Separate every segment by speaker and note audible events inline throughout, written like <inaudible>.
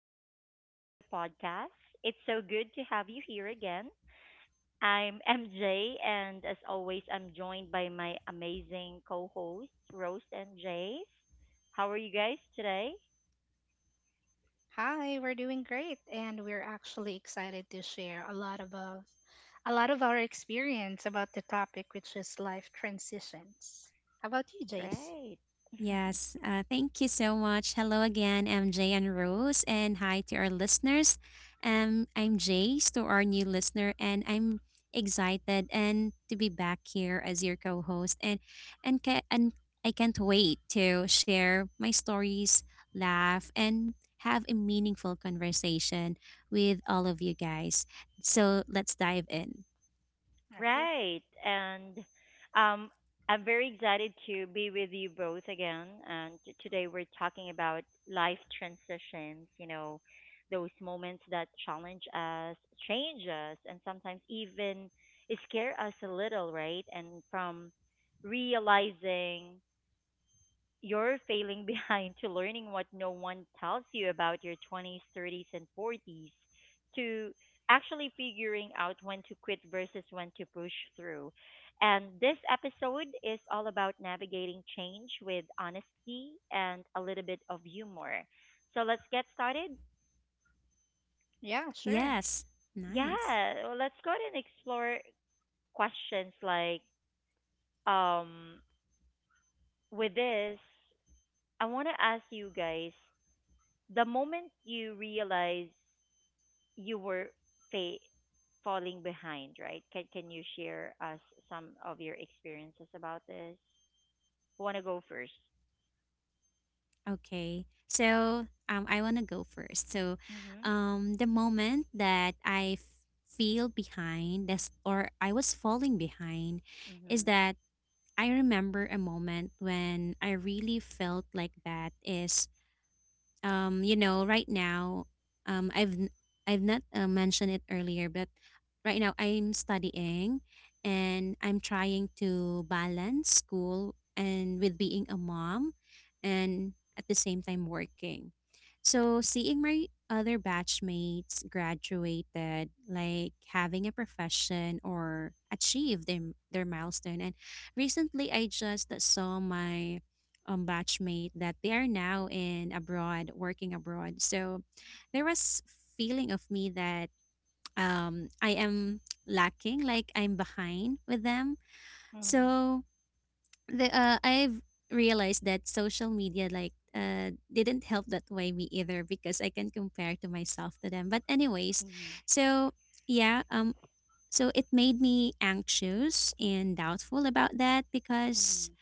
Speaker 1: welcome back to the podcast. It's so good to have you here again. I'm <laughs> MJ, and as always, I'm joined by my amazing co hosts, Rose and Jace. How are you guys today?
Speaker 2: Hi, we're doing great, and we're actually excited to share a lot of our experience about the topic, which is life transitions. How about you, Jace?
Speaker 1: Great. <laughs>
Speaker 3: Yes, thank you so much. Hello again, MJ and Rose, and hi to our listeners. I'm Jace to our new listener, and I'm excited and to be back here as your co-host, and I can't wait to share my stories, laugh, and have a meaningful conversation with all of you guys. So let's dive in.
Speaker 2: All right.
Speaker 1: Right. And um, I'm very excited to be with you both again. And today we're talking about life transitions, you know, those moments that challenge us, change us, and sometimes even scare us a little, right? And from realizing you're failing <laughs> behind to learning what no one tells you about your 20s, 30s, and 40s, to actually figuring out when to quit versus when to push through. And this episode is all about navigating change with honesty and a little bit of humor. So let's get started.
Speaker 2: Yeah, sure.
Speaker 3: Yes, nice.
Speaker 1: Yeah, well, let's go ahead and explore questions like um with this, I want to ask you guys the moment you realize you were fa- falling behind, right? Can you share us some of your experiences about this? Who wanna go first?
Speaker 3: Okay. So, I want to go first. So,
Speaker 1: Mhm.
Speaker 3: the moment that feel behind this, or I was falling behind, is
Speaker 1: Mhm.
Speaker 3: that I remember a moment when I really felt like that is, you know, right now. um i've n- I've not mentioned it earlier, but right now I'm studying, and I'm trying to balance school and with being a mom, and at the same time working. So, seeing my other batchmates graduated, like having a profession or achieve their milestone. And recently I just saw my, batchmate that they are now in abroad, working abroad. So there was feeling of me that, I am lacking, like I'm behind with them.
Speaker 2: Mm,
Speaker 3: So, the I've realized that social media, like, didn't help that way me either, because I can compare to myself to them. But anyways,
Speaker 1: Mhm.
Speaker 3: so yeah, so it made me anxious and doubtful about that, because
Speaker 1: Mhm.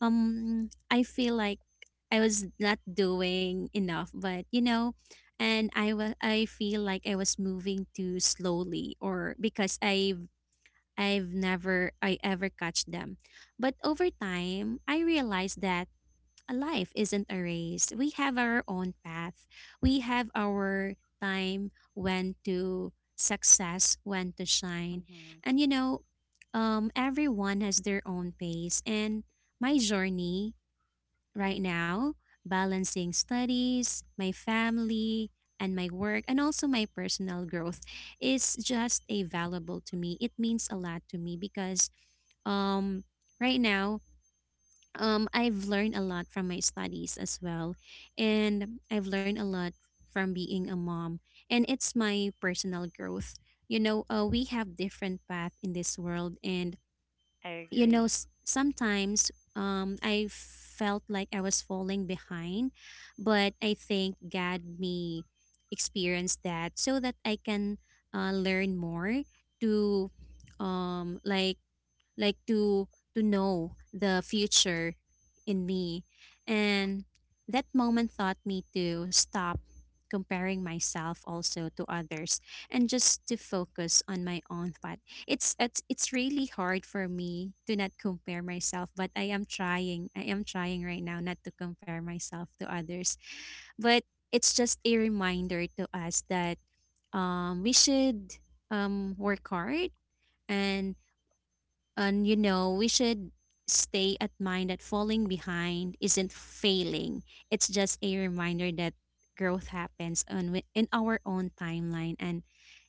Speaker 3: I feel like I was not doing enough, but you know, and I feel like I was moving too slowly, or because I've never I ever catch them. But over time, I realized that a life isn't a race. We have our own path. We have our time when to success, when to shine.
Speaker 1: Mhm.
Speaker 3: And you know, everyone has their own pace, and my journey right now, balancing studies, my family, and my work, and also my personal growth, is just a valuable to me. It means a lot to me, because, um, right now, I've learned a lot from my studies as well. And I've learned a lot from being a mom. And it's my personal growth. You know, we have different path in this world. And
Speaker 1: I
Speaker 3: you know,
Speaker 1: agree.
Speaker 3: sometimes, I felt like I was falling behind, but I think god me experienced that so that I can, learn more to um like like to to know the future in me. And that moment taught me to stop comparing myself also to others, and just to focus on my own path. It's really hard for me to not compare myself, but I am trying. I am trying right now not to compare myself to others. But it's just a reminder to us that, we should, work hard, and and you know, we should stay at mind that falling behind isn't failing. It's just a reminder that growth happens on, in our own timeline, and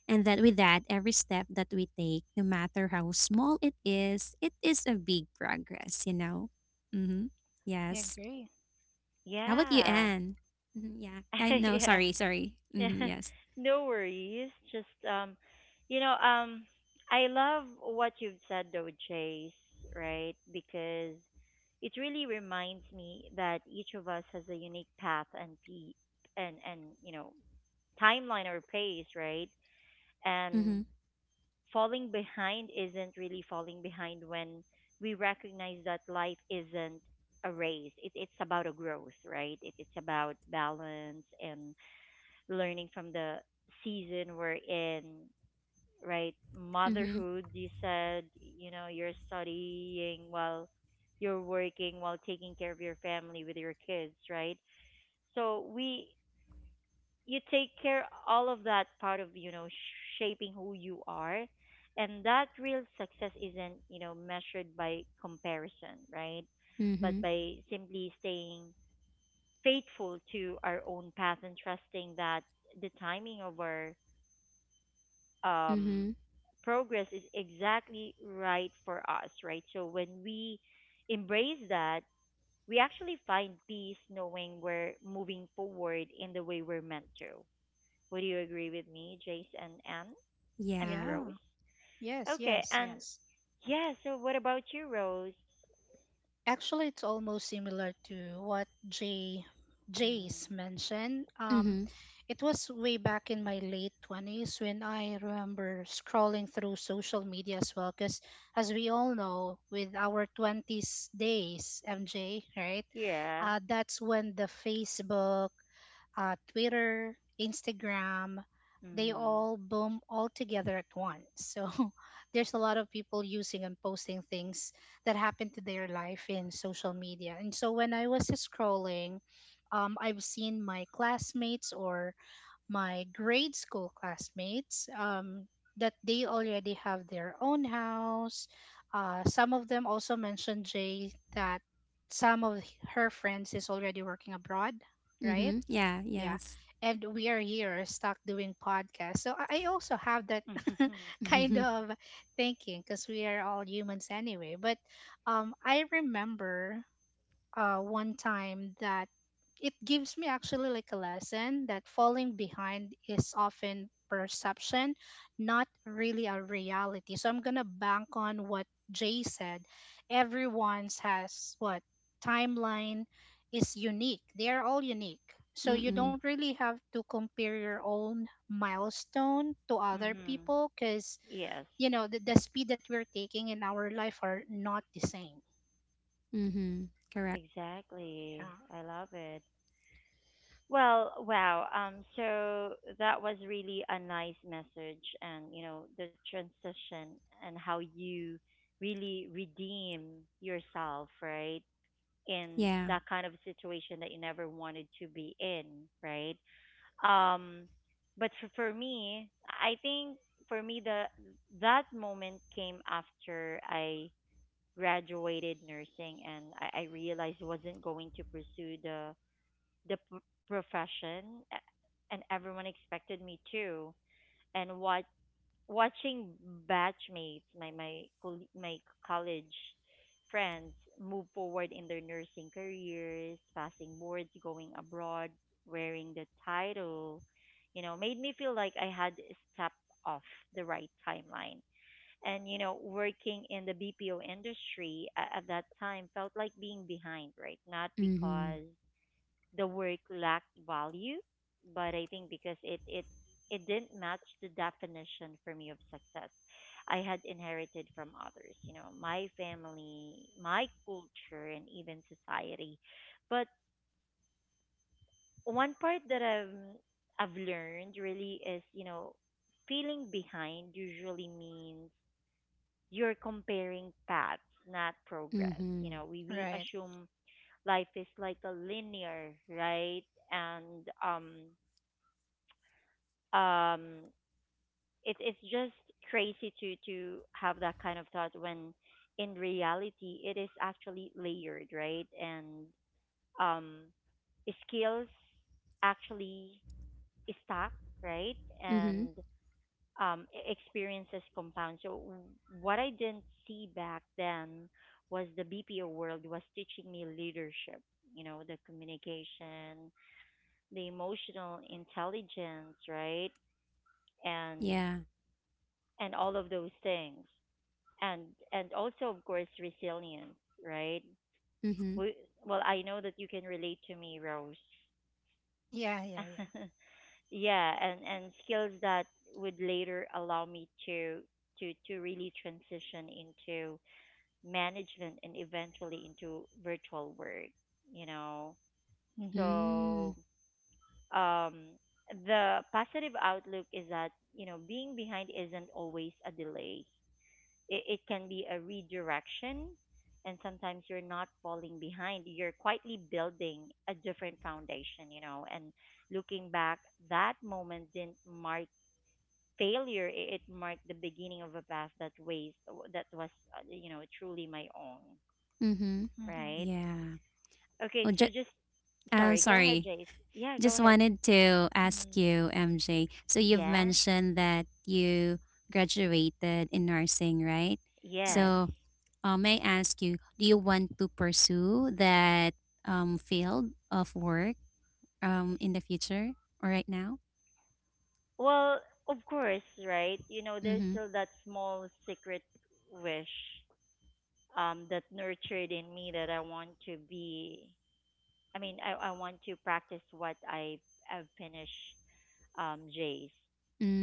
Speaker 3: and that with that, every step that we take, no matter how small it is, it is a big progress, you know. Mm-hmm.
Speaker 2: I
Speaker 3: Yes.
Speaker 2: agree.
Speaker 3: How about you,
Speaker 1: Yeah.
Speaker 3: Anne? Yeah, I
Speaker 1: <laughs>
Speaker 3: know.
Speaker 1: Yeah.
Speaker 3: Sorry. Mm-hmm.
Speaker 1: <laughs>
Speaker 3: Yes.
Speaker 1: No worries. Just you know I love what you've said though, Chase. Right, because it really reminds me that each of us has a unique path and and you know timeline or pace, right?
Speaker 3: Mm-hmm.
Speaker 1: And falling behind isn't really falling behind when we recognize that life isn't a race. It's about a growth, right? It's about balance and learning from the season we're in, right?
Speaker 3: Mm-hmm.
Speaker 1: Motherhood, you said, you know, you're studying while you're working, while taking care of your family with your kids, right? So we, you take care all of that part of, you know, shaping who you are. And that real success isn't, you know, measured by comparison, right?
Speaker 3: Mm-hmm.
Speaker 1: But by simply staying faithful to our own path and trusting that the timing of our um,
Speaker 3: Mm-hmm.
Speaker 1: progress is exactly right for us, right? So when we embrace that, we actually find peace knowing we're moving forward in the way we're meant to. Would you agree with me, Jace and Anne? I mean,
Speaker 3: Yeah.
Speaker 2: Yeah.
Speaker 1: Rose?
Speaker 2: Yes.
Speaker 1: Okay,
Speaker 2: Yes.
Speaker 1: and
Speaker 2: Yes.
Speaker 1: yeah, so what about you, Rose?
Speaker 2: Actually, it's almost similar to what Jay
Speaker 1: Mm,
Speaker 2: Jace mentioned.
Speaker 3: Mm-hmm.
Speaker 2: It was way back in my late 20s when I remember scrolling through social media as well. Because as we all know, with our twenties days, MJ, right?
Speaker 1: yeah.
Speaker 2: That's when the Facebook, Twitter, Instagram, they
Speaker 1: Mm.
Speaker 2: all boom all together at once. So <laughs> there's a lot of people using and posting things that happen to their life in social media. And so when I was scrolling, I've seen my classmates or my grade school classmates that they already have their own house. Some of them also mentioned Jay that some of her friends is already working abroad, right?
Speaker 3: Mm-hmm. Yeah,
Speaker 2: Yeah.
Speaker 3: yes.
Speaker 2: And we are here stuck doing podcasts. So I also have that <laughs>
Speaker 1: <laughs>
Speaker 2: kind
Speaker 3: <laughs>
Speaker 2: of thinking because we are all humans anyway. But I remember one time that it gives me actually like a lesson that falling behind is often perception, not really a reality. So I'm gonna bank on what Jay said. Everyone's has what timeline is unique. They are all unique. So you
Speaker 3: Mm-mm.
Speaker 2: don't really have to compare your own milestone to other
Speaker 1: Hmm.
Speaker 2: people because
Speaker 1: Yes,
Speaker 2: you know the speed that we're taking in our life are not the same.
Speaker 3: Mhm. Correct.
Speaker 1: exactly.
Speaker 2: Yeah.
Speaker 1: I love it. Well, wow. So that was really a nice message, and you know the transition and how you really redeem yourself, right? In
Speaker 3: Yeah.
Speaker 1: that kind of situation that you never wanted to be in, right? Um, but for me, I think for me the that moment came after I graduated nursing, and I realized I wasn't going to pursue the the profession and everyone expected me to and what watching batchmates my college friends move forward in their nursing careers, passing boards, going abroad, wearing the title, you know, made me feel like I had stepped off the right timeline. And you know, working in the BPO industry at that time felt like being behind, right? Not
Speaker 3: Mhm.
Speaker 1: because the work lacked value, but I think because it it didn't match the definition for me of success I had inherited from others, you know, my family, my culture, and even society. But one part that I've learned really is, you know, feeling behind usually means you're comparing paths, not progress. You know,
Speaker 3: Mhm.
Speaker 1: we
Speaker 2: Right.
Speaker 1: assume life is like a linear, right? And um it, it's just crazy to have that kind of thought when in reality it is actually layered, right? And um skills actually stack, right?
Speaker 3: Mhm.
Speaker 1: And experiences compound. So what I didn't see back then was the BPO world was teaching me leadership, you know, the communication, the emotional intelligence, right? and
Speaker 3: Yeah.
Speaker 1: and all of those things, and and also of course resilience, right?
Speaker 3: Mhm.
Speaker 1: We, well, I know that you can relate to me, Rose.
Speaker 2: Yeah, yeah, yeah.
Speaker 1: <laughs> Yeah, and skills that would later allow me to to really transition into management and eventually into virtual work, you know.
Speaker 2: Mhm.
Speaker 3: Mm.
Speaker 1: So um the positive outlook is that, you know, being behind isn't always a delay. It can be a redirection, and sometimes you're not falling behind, you're quietly building a different foundation, you know. And looking back, that moment didn't mark failure. It marked the beginning of a path that ways that was you know, truly my own,
Speaker 3: Mhm.
Speaker 2: Mhm.
Speaker 1: right?
Speaker 3: Yeah.
Speaker 1: Okay,
Speaker 3: Oh,
Speaker 1: so
Speaker 3: just,
Speaker 1: just
Speaker 3: I'm
Speaker 1: sorry, go ahead,
Speaker 3: sorry.
Speaker 1: Jace. Yeah, go
Speaker 3: Just
Speaker 1: ahead.
Speaker 3: wanted to
Speaker 1: Mhm.
Speaker 3: ask you, MJ. So, you've
Speaker 1: Yeah.
Speaker 3: mentioned that you graduated in nursing, right?
Speaker 1: Yes.
Speaker 2: Right.
Speaker 3: So, may I ask you, do you want to pursue that, field of work, in the future, or right now?
Speaker 1: Well, of course, right? You know, there's
Speaker 3: Mhm.
Speaker 1: still that small secret wish that nurtured in me that I want to be. I mean, I want to practice what I have finished J's.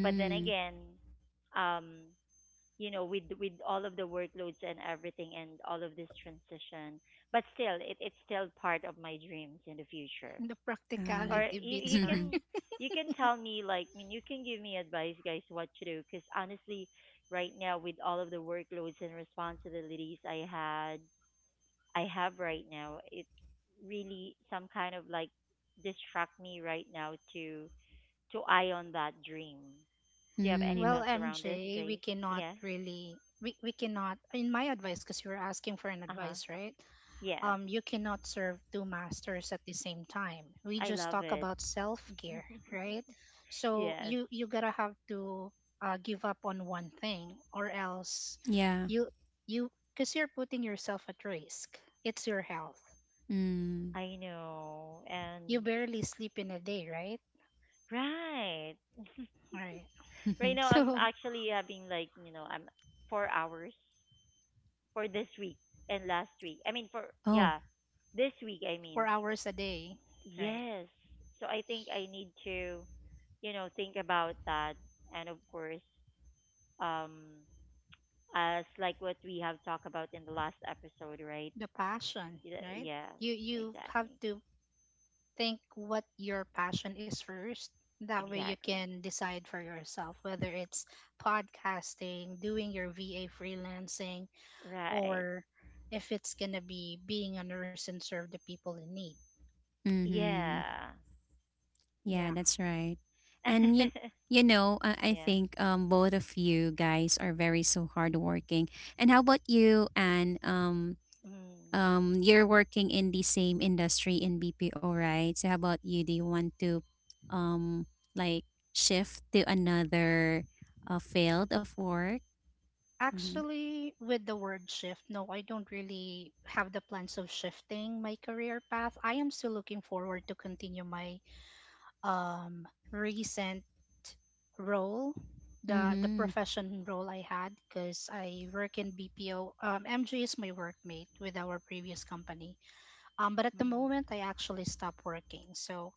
Speaker 1: But then again, um, you know, with all of the workloads and everything, and all of this transition, but still, it, it's still part of my dreams in the future.
Speaker 2: The
Speaker 3: Ah.
Speaker 1: Or
Speaker 2: practicality
Speaker 1: you
Speaker 2: beats her.
Speaker 3: <laughs>
Speaker 1: can
Speaker 2: <laughs>
Speaker 1: you can tell me, like, I mean, you can give me advice, guys, what to do. Because honestly, right now with all of the workloads and responsibilities I have right now. It really some kind of like distract me right now to eye on that dream. Do you have any
Speaker 3: Mm,
Speaker 2: Well,
Speaker 1: thoughts around this,
Speaker 2: MJ, we
Speaker 1: Jace?
Speaker 2: cannot
Speaker 1: Yeah.
Speaker 2: really we, we cannot in my advice because you were asking for an
Speaker 1: Uh huh.
Speaker 2: advice, right?
Speaker 1: Yeah.
Speaker 2: You cannot serve two masters at the same time. We
Speaker 1: I
Speaker 2: just
Speaker 1: love
Speaker 2: talk
Speaker 1: it.
Speaker 2: about self-care,
Speaker 1: <laughs>
Speaker 2: right? So
Speaker 1: Yes.
Speaker 2: you got to have to give up on one thing or else
Speaker 3: yeah.
Speaker 2: you you cuz you're putting yourself at risk. It's your health.
Speaker 3: Mm.
Speaker 1: I know.
Speaker 2: You
Speaker 1: And
Speaker 2: barely sleep in a day, right?
Speaker 1: right. <laughs>
Speaker 2: Right. <laughs>
Speaker 1: Right now
Speaker 3: <laughs>
Speaker 1: I'm
Speaker 2: So
Speaker 1: actually having, like, you know, I'm 4 hours for this week and last week. I mean for
Speaker 3: Oh.
Speaker 1: yeah. This week I mean.
Speaker 2: 4 hours a day, right?
Speaker 1: Yes. So I think I need to, you know, think about that. And of course, um, as like what we have talked about in the last episode, right?
Speaker 2: The passion, right?
Speaker 1: Yes,
Speaker 2: You have
Speaker 1: exactly.
Speaker 2: to think what your passion is first, that way you
Speaker 1: Exactly.
Speaker 2: can decide for yourself whether it's podcasting, doing your VA freelancing,
Speaker 1: Right.
Speaker 2: or if it's gonna be being a nurse and serve the people in need.
Speaker 3: Mm-hmm.
Speaker 1: Yeah.
Speaker 2: Yeah.
Speaker 3: Yeah, that's right. And you,
Speaker 1: <laughs>
Speaker 3: you know, I
Speaker 1: Yeah.
Speaker 3: think both of you guys are very so hardworking. And how about you? And,
Speaker 1: Mm.
Speaker 3: you're working in the same industry in BPO, right? So how about you? Do you want to, um like, shift to another, field of work? Mm-hmm.
Speaker 2: Actually, with the word shift, no, I don't really have the plans of shifting my career path. I am still looking forward to continue my recent role, the
Speaker 3: Mm-hmm.
Speaker 2: profession role I had, because I work in BPO. MJ is my workmate with our previous company. But at the
Speaker 1: Mm.
Speaker 2: moment, I actually stopped working. So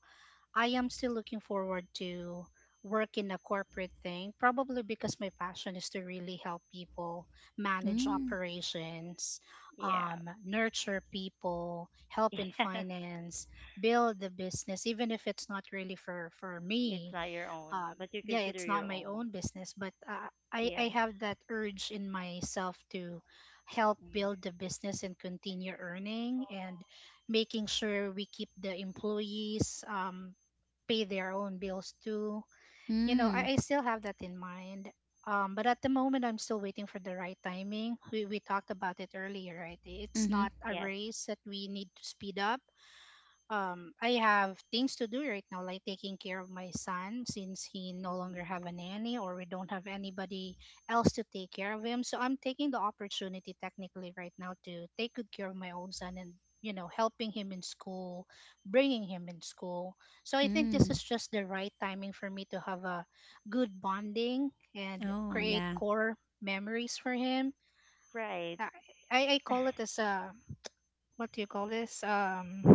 Speaker 2: I am still looking forward to work in a corporate thing, probably because my passion is to really help people manage
Speaker 3: Mm-hmm.
Speaker 2: operations,
Speaker 1: Yeah.
Speaker 2: nurture people, help in
Speaker 1: <laughs> Yeah.
Speaker 2: finance, build the business, even if it's not really for
Speaker 1: It's
Speaker 2: me.
Speaker 1: not your own,
Speaker 2: um,
Speaker 1: but you
Speaker 2: yeah,
Speaker 1: consider
Speaker 2: it's not
Speaker 1: your
Speaker 2: my
Speaker 1: own.
Speaker 2: own business, but I
Speaker 1: Yes.
Speaker 2: have that urge in myself to help
Speaker 1: Mm.
Speaker 2: build the business and continue earning and making sure we keep the employees pay their own bills too. You know, I still have that in mind. But at the moment, I'm still waiting for the right timing. We talked about it earlier, right? It's
Speaker 3: Mm-hmm.
Speaker 2: not a
Speaker 1: Yes.
Speaker 2: race that we need to speed up. I have things to do right now, like taking care of my son since he no longer
Speaker 1: Mm.
Speaker 2: have a nanny or we don't have anybody else to take care of him. So I'm taking the opportunity technically right now to take good care of my own son and helping him in school, bringing him in school. So I think this
Speaker 3: Mm.
Speaker 2: is just the right timing for me to have a good bonding and
Speaker 3: Oh,
Speaker 2: create
Speaker 3: yeah.
Speaker 2: core memories for him.
Speaker 1: Right.
Speaker 2: I I call
Speaker 1: <laughs>
Speaker 2: it as a what do you call this,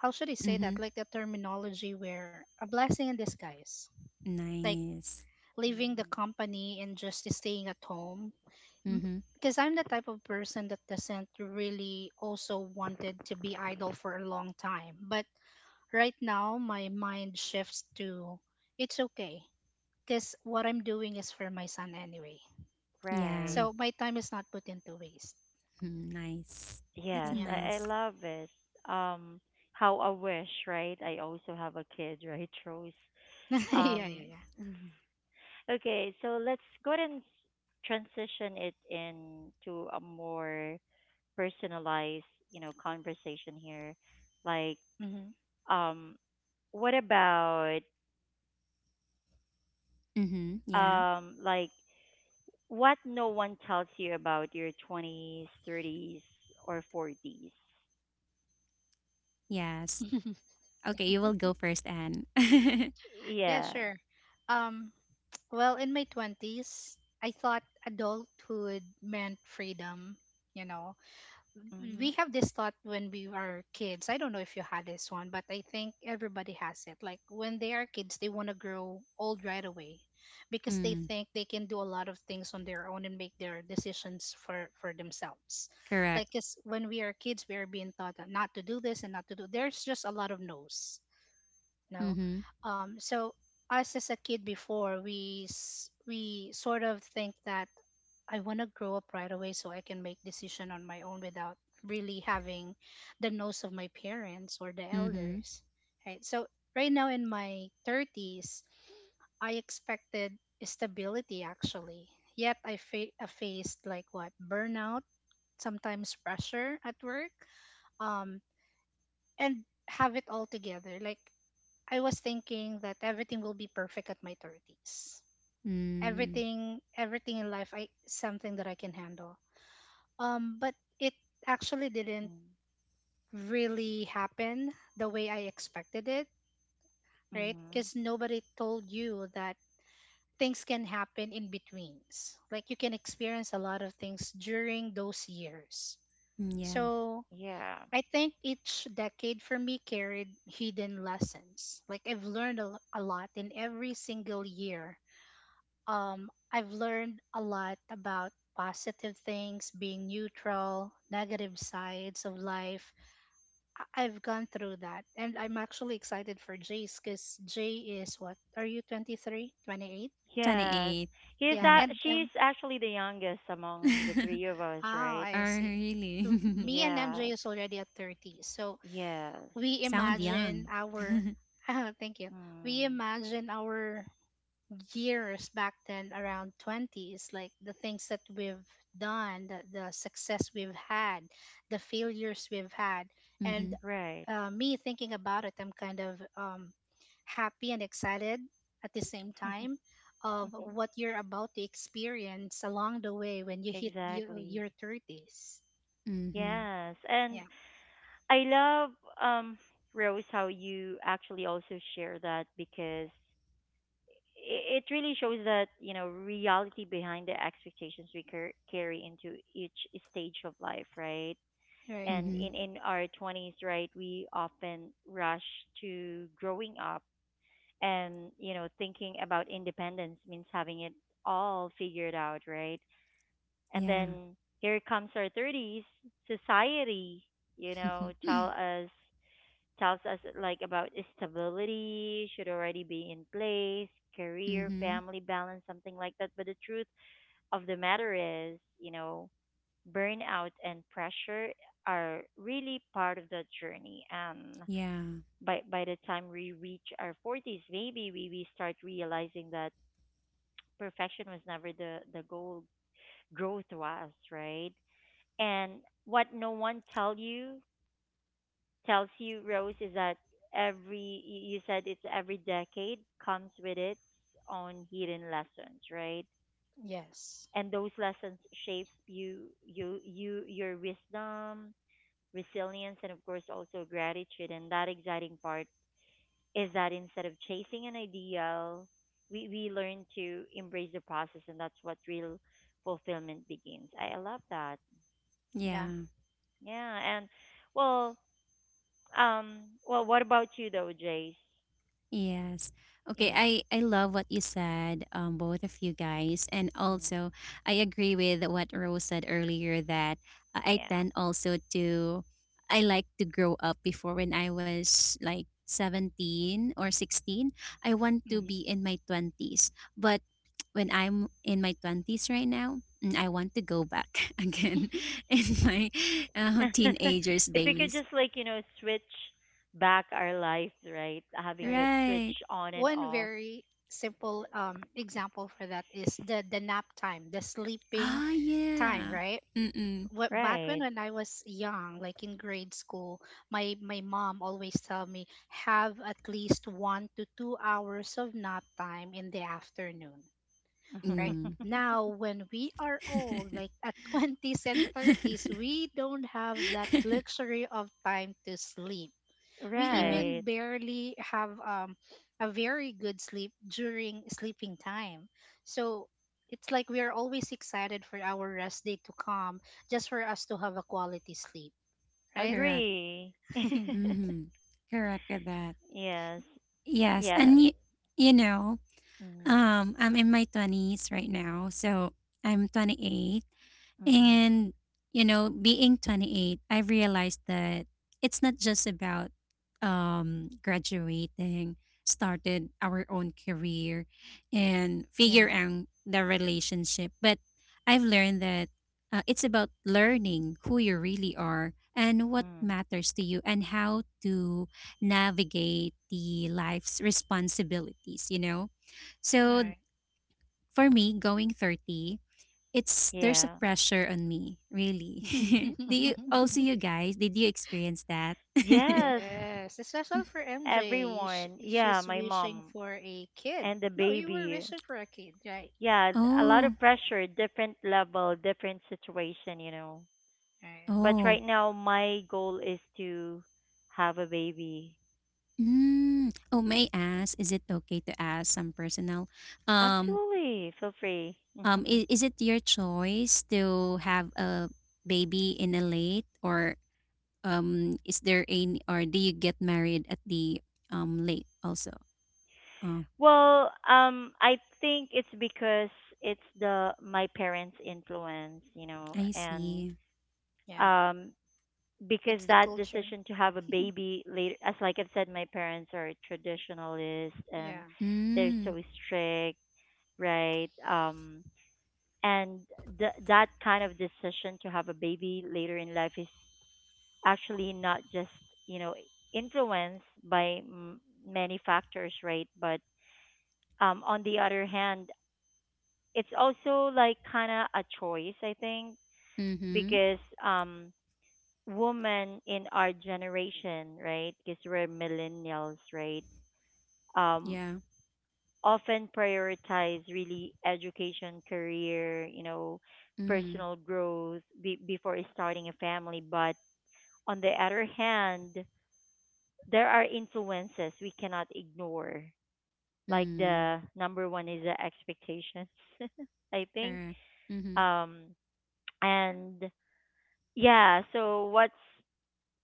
Speaker 2: how should I say
Speaker 3: Mm-hmm.
Speaker 2: that? Like a terminology where a blessing in disguise, like
Speaker 3: Nice.
Speaker 2: leaving the
Speaker 1: Mm,
Speaker 2: company and just staying at home.
Speaker 3: Mm-hmm.
Speaker 2: Because I'm the type of person that doesn't really also wanted to be idle for a long time. But right now, my mind shifts to it's okay. Because what I'm doing is for my son anyway.
Speaker 1: right.
Speaker 3: Yeah.
Speaker 2: So
Speaker 3: <laughs>
Speaker 2: my time is not put into waste.
Speaker 3: Mm, nice. That's a
Speaker 1: Yes,
Speaker 2: Yeah.
Speaker 1: I
Speaker 3: nice.
Speaker 1: love it. Um, how I wish, right? I also have a kid, <laughs> right, Rose?
Speaker 2: <laughs> Yeah,
Speaker 1: Um,
Speaker 2: yeah,
Speaker 1: <laughs> okay, so let's go ahead and transition it into a more personalized, you know, conversation here. Like,
Speaker 2: yeah.
Speaker 1: um, what about,
Speaker 3: Mm-hmm. Yeah.
Speaker 1: like, what no one tells you about your 20s, 30s, or 40s?
Speaker 3: Yes.
Speaker 2: Hmm. <laughs>
Speaker 3: Okay, you will go first, Anne. <laughs>
Speaker 2: Yeah,
Speaker 1: Yeah.
Speaker 2: sure. Um, <tsk> well, in my 20s, I thought adulthood meant freedom. You know,
Speaker 1: Mm-hmm.
Speaker 2: we have this thought when we are kids. I don't know if you had this one, but I think everybody has it. Like when they are kids, they want to grow old right away because they
Speaker 3: Mm.
Speaker 2: think they can do a lot of things on their own and make their decisions for themselves.
Speaker 3: Correct.
Speaker 2: Like, 'cause when we are kids, we are being taught that not to do this and not to do. There's just a lot of no's, no.
Speaker 3: Mm-hmm.
Speaker 2: So us as a kid before, we sort of think that I want to grow up right away so I can make decision on my own without really having the nose of my parents or the
Speaker 3: Mm-hmm.
Speaker 2: elders. Right. So right now in my 30s, I expected stability actually. Yet I faced like what burnout, sometimes pressure at work, um, and have it all together. Like I was thinking that everything will be perfect at my 30s.
Speaker 3: Mm.
Speaker 2: Everything in life I something that I can handle. But it actually didn't
Speaker 1: Mm-hmm.
Speaker 2: really happen the way I expected it, right?
Speaker 1: Mm-hmm.
Speaker 2: Cuz nobody told you that things can happen in betweens. Like you can experience a lot of things during those years.
Speaker 3: Mm, yeah.
Speaker 2: So
Speaker 1: Yeah.
Speaker 2: I think each decade for me carried hidden lessons. Like I've learned a lot in every single year. I've learned a lot about positive things, being neutral, negative sides of life. I've gone through that. And I'm actually excited for Jay's because Jay is what? Are you 23, 28?
Speaker 1: Yes.
Speaker 3: 28.
Speaker 1: He's
Speaker 2: Yeah.
Speaker 3: Mm.
Speaker 1: a-
Speaker 2: And,
Speaker 1: she's actually the youngest among the three of us,
Speaker 2: oh,
Speaker 3: <laughs> Oh,
Speaker 1: right?
Speaker 2: I see.
Speaker 3: really?
Speaker 2: Me and MJ
Speaker 1: Yes.
Speaker 2: is already at 30. So
Speaker 1: Yes.
Speaker 3: <laughs>
Speaker 2: we
Speaker 3: Sound
Speaker 2: imagine
Speaker 3: young. <laughs>
Speaker 2: <laughs> Thank you. We
Speaker 1: Mm.
Speaker 2: imagine our years back then around 20s, like the things that we've done, the success we've had, the failures we've had, and
Speaker 3: Mm-hmm.
Speaker 1: Right.
Speaker 2: me thinking about it, I'm kind of happy and excited at the same time
Speaker 1: <laughs>
Speaker 2: of what you're about to experience along the way when you hit your,
Speaker 1: Exactly.
Speaker 2: your 30s.
Speaker 3: Mm-hmm.
Speaker 1: Yes. And
Speaker 2: Yeah.
Speaker 1: I love um Rose how you actually also share that, because it really shows that, you know, reality behind the expectations we carry into each stage of life, right?
Speaker 2: Right.
Speaker 1: And
Speaker 3: Mm-hmm.
Speaker 1: in our 20s, right, we often rush to growing up, and you know thinking about independence means having it all figured out, right? And
Speaker 3: Yeah.
Speaker 1: then here comes our 30s, society, you know,
Speaker 3: <laughs>
Speaker 1: tells us like about stability should already be in place, career,
Speaker 3: Mm-hmm.
Speaker 1: family balance, something like that. But the truth of the matter is, you know, burnout and pressure are really part of the journey. And
Speaker 3: Yeah.
Speaker 1: by the time we reach our forties, maybe we start realizing that perfection was never the, the goal. Growth was, right? And what no one tells you, Rose, is that every you you said it's every decade comes with its own hidden lessons, right?
Speaker 2: Yes.
Speaker 1: And those lessons shape your wisdom, resilience, and of course, also gratitude. And that exciting part is that instead of chasing an ideal, we learn to embrace the process, and that's what real fulfillment begins. I love that.
Speaker 2: Yeah.
Speaker 3: Yeah.
Speaker 1: Yeah. And well, well, what about you though, Jace?
Speaker 3: Yes. Okay,
Speaker 1: Yeah.
Speaker 3: I love what you said, both of you guys, and
Speaker 1: Mm,
Speaker 3: also I agree with what Rose said earlier, that, I
Speaker 1: yeah.
Speaker 3: tend also to, I like to grow up before when I was like 17 or 16. I want to be
Speaker 2: Hmm.
Speaker 3: in my 20s. But when I'm in my 20s right now, I want to go back <laughs> again in my,
Speaker 1: <laughs>
Speaker 3: teenagers
Speaker 1: If we could
Speaker 3: days.
Speaker 1: just, like, you know, switch back our life, right? Having that
Speaker 2: Right.
Speaker 1: switch
Speaker 3: Right.
Speaker 1: on and
Speaker 2: One
Speaker 1: off.
Speaker 2: very simple example for that is the nap time, the sleeping
Speaker 3: Ah,
Speaker 2: time,
Speaker 3: yeah.
Speaker 2: right?
Speaker 3: Mm-mm.
Speaker 2: What back when
Speaker 1: Right.
Speaker 2: when I was young, like in grade school, my mom always tell me have at least 1 to 2 hours of nap time in the afternoon. Right
Speaker 1: <laughs>
Speaker 2: now when we are old, like
Speaker 3: <laughs>
Speaker 2: at <laughs> 20s and 30s, we don't have that luxury of time to sleep. We
Speaker 3: Correct,
Speaker 1: Right.
Speaker 2: even barely have a very good sleep during sleeping time. So it's like we are always excited for our rest day to come just for us to have a quality sleep, right?
Speaker 3: correct.
Speaker 1: Agree.
Speaker 2: <laughs>
Speaker 3: hmm Correct with that.
Speaker 1: <laughs> Yes.
Speaker 3: Yes,
Speaker 1: Yeah.
Speaker 3: and you know,
Speaker 1: Mhm.
Speaker 3: I'm in my twenties right now, so I'm 28.
Speaker 1: Mhm.
Speaker 3: And, you know, being 28, I realized that it's not just about, graduating, started our own career, and figure
Speaker 2: Yeah,
Speaker 3: out the relationship. But I've learned that, it's about learning who you really are, and what
Speaker 1: Mm.
Speaker 3: matters to you, and how to navigate the life's responsibilities, you know? So
Speaker 2: right.
Speaker 3: for me, going 30, it's there's a
Speaker 1: Yeah.
Speaker 3: pressure on me, really. <laughs> Do
Speaker 2: <laughs>
Speaker 3: you also, you
Speaker 1: <laughs>
Speaker 3: guys, did you experience that?
Speaker 1: Yes.
Speaker 2: Yes, especially for
Speaker 3: <laughs>
Speaker 2: MJ, sh
Speaker 1: Everyone. Yeah,
Speaker 2: she's
Speaker 1: my
Speaker 2: wishing
Speaker 1: mom
Speaker 2: for a kid.
Speaker 1: and the
Speaker 2: No, you were
Speaker 1: baby.
Speaker 2: wishing for a kid, right?
Speaker 1: Yeah, a lot
Speaker 3: Oh.
Speaker 1: of pressure, different level, different situation, you know.
Speaker 2: Right.
Speaker 1: But
Speaker 3: Oh.
Speaker 1: right now my goal is to have a baby.
Speaker 3: Mm. Oh, may I ask, is it okay to ask some personal, um
Speaker 1: Absolutely. Feel free.
Speaker 3: is,
Speaker 1: <laughs>
Speaker 3: is it your choice to have a baby in a late, or, is there any, or do you get married at the, late also? Oh,
Speaker 1: Well, I think it's because it's the my parents' influence, you know,
Speaker 3: I
Speaker 1: and
Speaker 3: see.
Speaker 2: Yeah,
Speaker 1: um, because
Speaker 2: it's the
Speaker 1: that
Speaker 2: culture.
Speaker 1: decision to have a baby later, as like I've said, my parents are traditionalists and
Speaker 2: Yeah,
Speaker 1: they're so
Speaker 3: Mm.
Speaker 1: strict, right? And that kind of decision to have a baby later in life is actually not just you know influenced by many factors, right? But on the other hand, it's also like kind of a choice, I think,
Speaker 3: Mhm.
Speaker 1: because um, women in our generation, right, because we're millennials, right, um,
Speaker 3: Yeah.
Speaker 1: often prioritize really education, career, you know,
Speaker 3: Mhm.
Speaker 1: personal growth before starting a family. But on the other hand, there are influences we cannot ignore. Like
Speaker 3: Mm.
Speaker 1: the number one is the expectations, <laughs> I think.
Speaker 3: Correct. Mm-hmm.
Speaker 1: Um, and yeah, so what's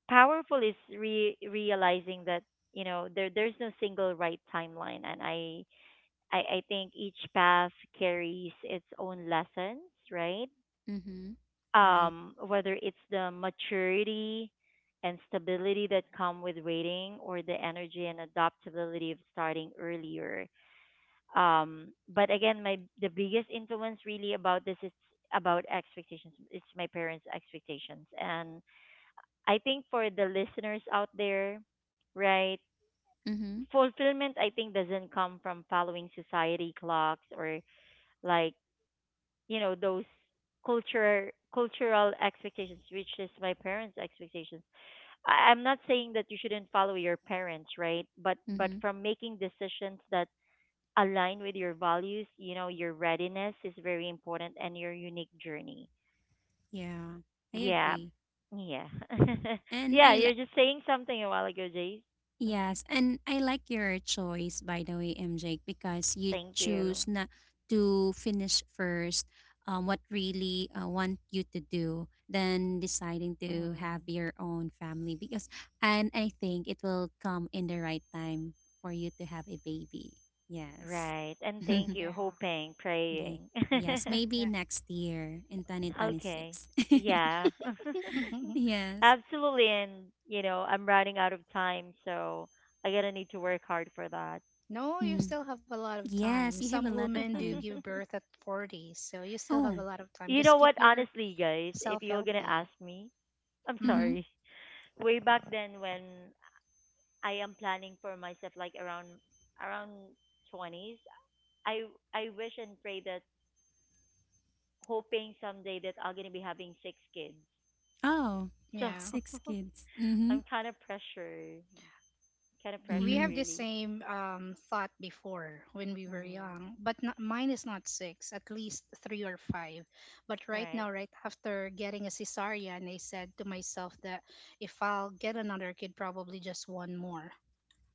Speaker 1: powerful is realizing that, you know, there there's no single right timeline, and I think each path carries its own lessons, right?
Speaker 3: Mm-hmm. Right.
Speaker 1: Um, whether it's the maturity and stability that come with waiting or the energy and adaptability of starting earlier. But again, my the biggest influence really about this is about expectations. It's my parents' expectations, and I think for the listeners out there, right,
Speaker 3: Mm-hmm.
Speaker 1: fulfillment I think doesn't come from following society clocks or like, those culture cultural expectations, which is my parents' expectations. I'm not saying that you shouldn't follow your parents, right? But
Speaker 3: Mm-hmm.
Speaker 1: from making decisions that align with your values, your readiness is very important and your unique journey.
Speaker 3: Yeah. I
Speaker 1: Yeah.
Speaker 3: agree.
Speaker 1: Yeah. <laughs>
Speaker 3: And
Speaker 1: Yeah,
Speaker 3: I
Speaker 1: you're
Speaker 3: li-
Speaker 1: just saying something a while ago, Jace. Mm-hmm.
Speaker 3: yes, and I like your choice, by the way, MJ, because you
Speaker 1: Thank you.
Speaker 3: choose not to finish first, what really, want you to do, than deciding to have
Speaker 1: Mm,
Speaker 3: your own family, because, and I think it will come in the right time for you to have a baby. Yes.
Speaker 1: right. And
Speaker 3: <laughs>
Speaker 1: thank
Speaker 2: yeah,
Speaker 1: you, hoping,
Speaker 3: Yeah.
Speaker 1: praying. <laughs>
Speaker 3: Yes, maybe next year in
Speaker 1: Okay.
Speaker 3: 2026. <laughs>
Speaker 1: Yeah.
Speaker 2: yeah. <laughs>
Speaker 1: <laughs>
Speaker 3: Yes.
Speaker 1: Absolutely. And, I'm running out of time, so I gotta need to work hard for that.
Speaker 2: No, you
Speaker 3: Mm.
Speaker 2: still have a lot of time.
Speaker 3: Yes, you
Speaker 2: Some
Speaker 3: have a lot of
Speaker 2: women do
Speaker 3: time.
Speaker 2: give birth
Speaker 1: <laughs>
Speaker 2: at 40, so you still have a
Speaker 3: Oh,
Speaker 2: lot of time.
Speaker 1: You
Speaker 2: Just
Speaker 1: know
Speaker 2: keep
Speaker 1: what? Honestly, guys,
Speaker 2: yourself
Speaker 1: if you're gonna
Speaker 2: healthy.
Speaker 1: ask me, I'm
Speaker 2: Mm,
Speaker 3: mm-hmm.
Speaker 1: sorry. <laughs> Way back then, when I am planning for myself, like around 20s, I I wish and pray that hoping someday that I'm gonna be having six kids.
Speaker 3: Oh,
Speaker 1: So,
Speaker 2: yeah.
Speaker 3: six kids.
Speaker 1: <laughs>
Speaker 3: Mm-hmm.
Speaker 1: I'm kind of
Speaker 2: We
Speaker 1: pressured,
Speaker 3: Mm.
Speaker 2: have the
Speaker 1: really.
Speaker 2: same thought before when we were
Speaker 1: Mm,
Speaker 2: young, but not, mine is not six, at least three or five. But right
Speaker 1: right,
Speaker 2: now, right after getting a cesarean, I said to myself that if I'll get another kid, probably just one more.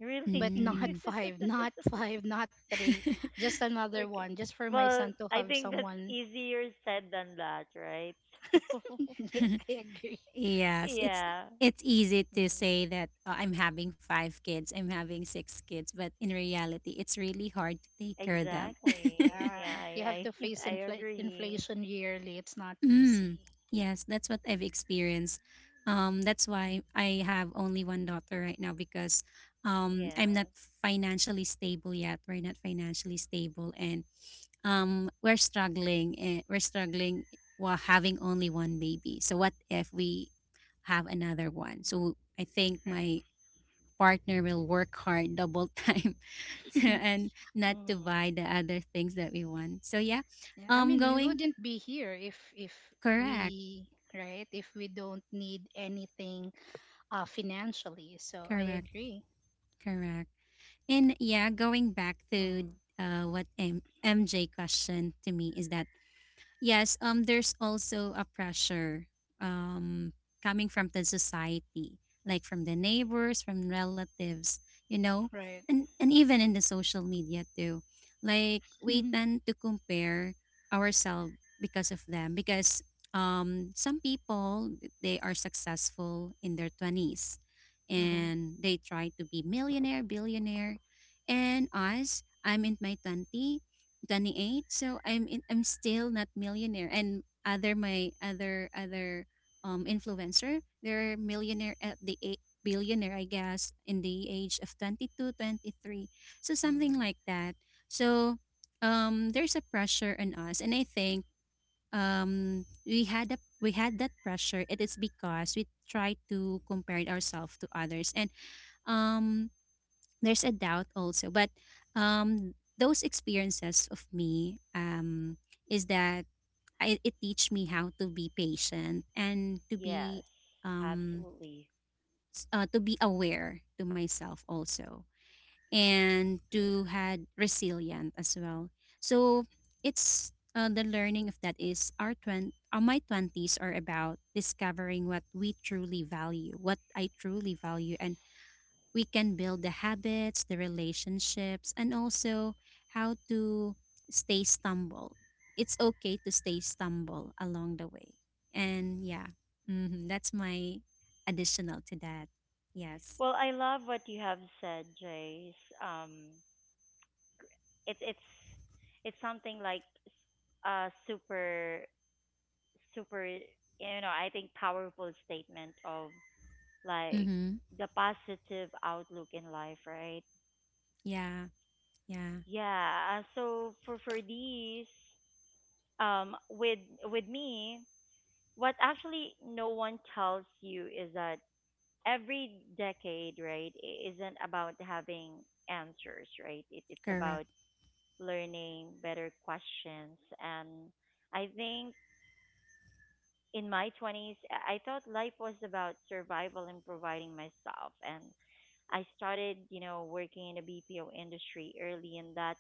Speaker 1: really.
Speaker 2: But not <laughs>
Speaker 3: Mm.
Speaker 2: five,
Speaker 1: <laughs>
Speaker 2: not three, just another
Speaker 1: Okay.
Speaker 2: one, just for my
Speaker 1: Well,
Speaker 2: son to
Speaker 1: I
Speaker 2: have
Speaker 1: think that's
Speaker 2: someone.
Speaker 1: easier said than that, right? <laughs>
Speaker 2: <laughs> Yeah, I agree.
Speaker 3: <laughs>
Speaker 1: So
Speaker 3: Yes, it's,
Speaker 1: yeah.
Speaker 3: easy to
Speaker 1: Mm,
Speaker 3: say that, I'm having five kids, I'm having six kids, but in reality, it's really hard to take care of them.
Speaker 1: exactly.
Speaker 3: <laughs>
Speaker 1: Yeah,
Speaker 2: Yeah, you have to
Speaker 1: I
Speaker 2: face
Speaker 1: <laughs> I agree.
Speaker 2: inflation yearly. It's not
Speaker 3: Mm,
Speaker 2: easy,
Speaker 3: yes, that's what I've experienced. That's
Speaker 1: Mhm.
Speaker 3: why I have only one daughter right now, because, I'm not
Speaker 1: Yes.
Speaker 3: financially stable yet. We're not financially stable, and, we're struggling. We're struggling while having only one baby. So what if we have another one? So I think
Speaker 2: right?
Speaker 3: my partner will work hard double time <laughs>
Speaker 2: <laughs>
Speaker 3: and not to
Speaker 1: Mm-hmm.
Speaker 3: buy the other things that we want. So yeah,
Speaker 2: Yeah, I mean, we
Speaker 3: going.
Speaker 2: wouldn't be here if
Speaker 3: Correct,
Speaker 2: we, right, if we don't need anything financially. So I
Speaker 3: correct,
Speaker 2: agree.
Speaker 3: correct. And yeah, going back
Speaker 1: Mm-hmm.
Speaker 3: to, what, MJ questioned to me, is that. Yes, there's also a pressure, um coming from the society, like from the neighbors, from relatives, you know.
Speaker 2: Right.
Speaker 3: And even in the social media too. Like,
Speaker 2: <laughs>
Speaker 3: we tend to compare ourselves because of them, because, some people they are successful in their 20s,
Speaker 2: Hmm.
Speaker 3: and they try to be millionaire, billionaire. And us, I'm in my 20 28, so I'm still not millionaire, and other my other influencer, they're millionaire at the eight billionaire, I guess, in the age of 22, 23. So something
Speaker 1: Mm-hmm.
Speaker 3: like that. So, there's a pressure on us, and I think, we had that pressure. It is because we try to compare ourselves to others, and, um there's a doubt also. But, those experiences of me, is that, it teach me how to be patient, and to
Speaker 1: Yes,
Speaker 3: be, um
Speaker 1: absolutely.
Speaker 3: to be aware to myself also, and to had resilient as well. So it's, the learning of that is, our 20 my 20s are about discovering what we truly value, what I truly value. And we can build the habits, the relationships, and also how to stay stumble. It's okay to stay stumble along the way. And yeah, that's my additional to that. Yes.
Speaker 1: Well, I love what you have said, Jace. Um, it's it's it's something like a super super I think powerful statement of like
Speaker 3: Mm-hmm.
Speaker 1: the positive outlook in life, right?
Speaker 3: Yeah. Yeah.
Speaker 1: Yeah. So for these, with me, what actually no one tells you is that every decade, right, isn't about having answers, right? It's
Speaker 3: Correct.
Speaker 1: about learning, better questions. And I think in my 20s, I thought life was about survival and providing myself. And I started, you know, working in the BPO industry early, and that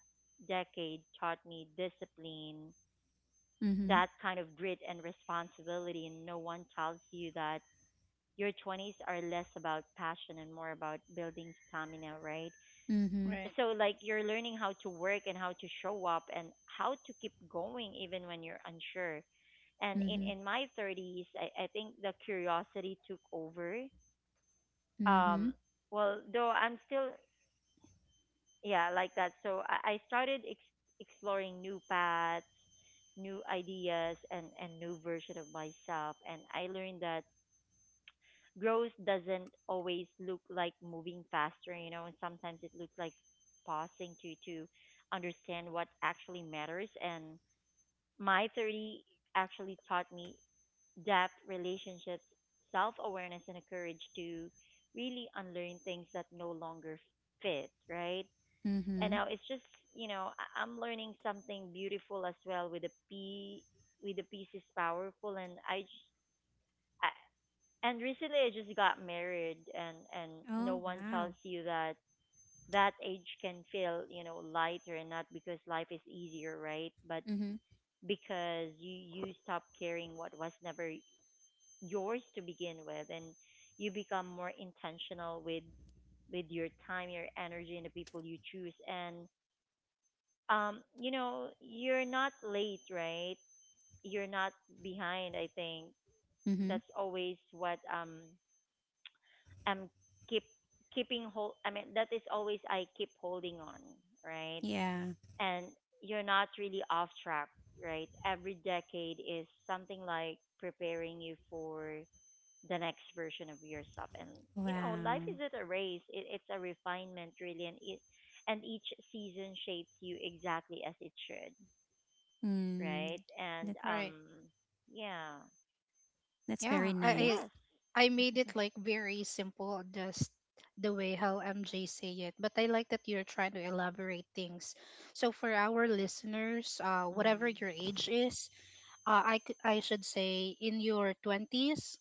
Speaker 1: decade taught me discipline,
Speaker 3: Mm-hmm.
Speaker 1: that kind of grit and responsibility. And no one tells you that your 20s are less about passion and more about building stamina, right?
Speaker 3: Mm-hmm.
Speaker 2: Right.
Speaker 1: So like you're learning how to work and how to show up and how to keep going even when you're unsure. And
Speaker 3: Mm-hmm.
Speaker 1: in my 30s, I think the curiosity took over.
Speaker 3: Mm-hmm.
Speaker 1: um well, though I'm still, yeah, like that. So I started exploring new paths, new ideas, and new version of myself, and I learned that growth doesn't always look like moving faster, you know, and sometimes it looks like pausing to understand what actually matters. And my 30 actually taught me depth, relationships, self-awareness, and the courage to really unlearn things that no longer fit, right?
Speaker 3: Mm-hmm.
Speaker 1: And now it's just, you know, I'm learning something beautiful as well with the pieces powerful, and I, j- I and recently I just got married, and
Speaker 3: Oh,
Speaker 1: no one
Speaker 3: wow.
Speaker 1: tells you that that age can feel, you know, lighter. And not because life is easier, right, but
Speaker 3: Mm-hmm.
Speaker 1: because you stop caring what was never yours to begin with, and you become more intentional with your time, your energy, and the people you choose. And you're not late, right, you're not behind, I think.
Speaker 3: Mm-hmm.
Speaker 1: That's always what, um keep keeping hold. I mean, that is always I keep holding on, right?
Speaker 3: Yeah.
Speaker 1: And you're not really off track, right? Every decade is something like preparing you for the next version of yourself. And, you know, life
Speaker 3: Wow.
Speaker 1: isn't a race. It's a refinement really, and it and each season shapes you exactly as it should,
Speaker 3: Mm.
Speaker 1: right? And
Speaker 3: That,
Speaker 2: Right.
Speaker 1: yeah.
Speaker 3: that's
Speaker 2: Yeah,
Speaker 3: very
Speaker 2: I,
Speaker 1: Yes.
Speaker 3: nice.
Speaker 2: I I made it
Speaker 1: <laughs>
Speaker 2: like very simple, just the way how MJ say it. But I like that you're trying to elaborate things. So for our listeners, whatever
Speaker 1: Mhm.
Speaker 2: your age is, I should say in your twenties,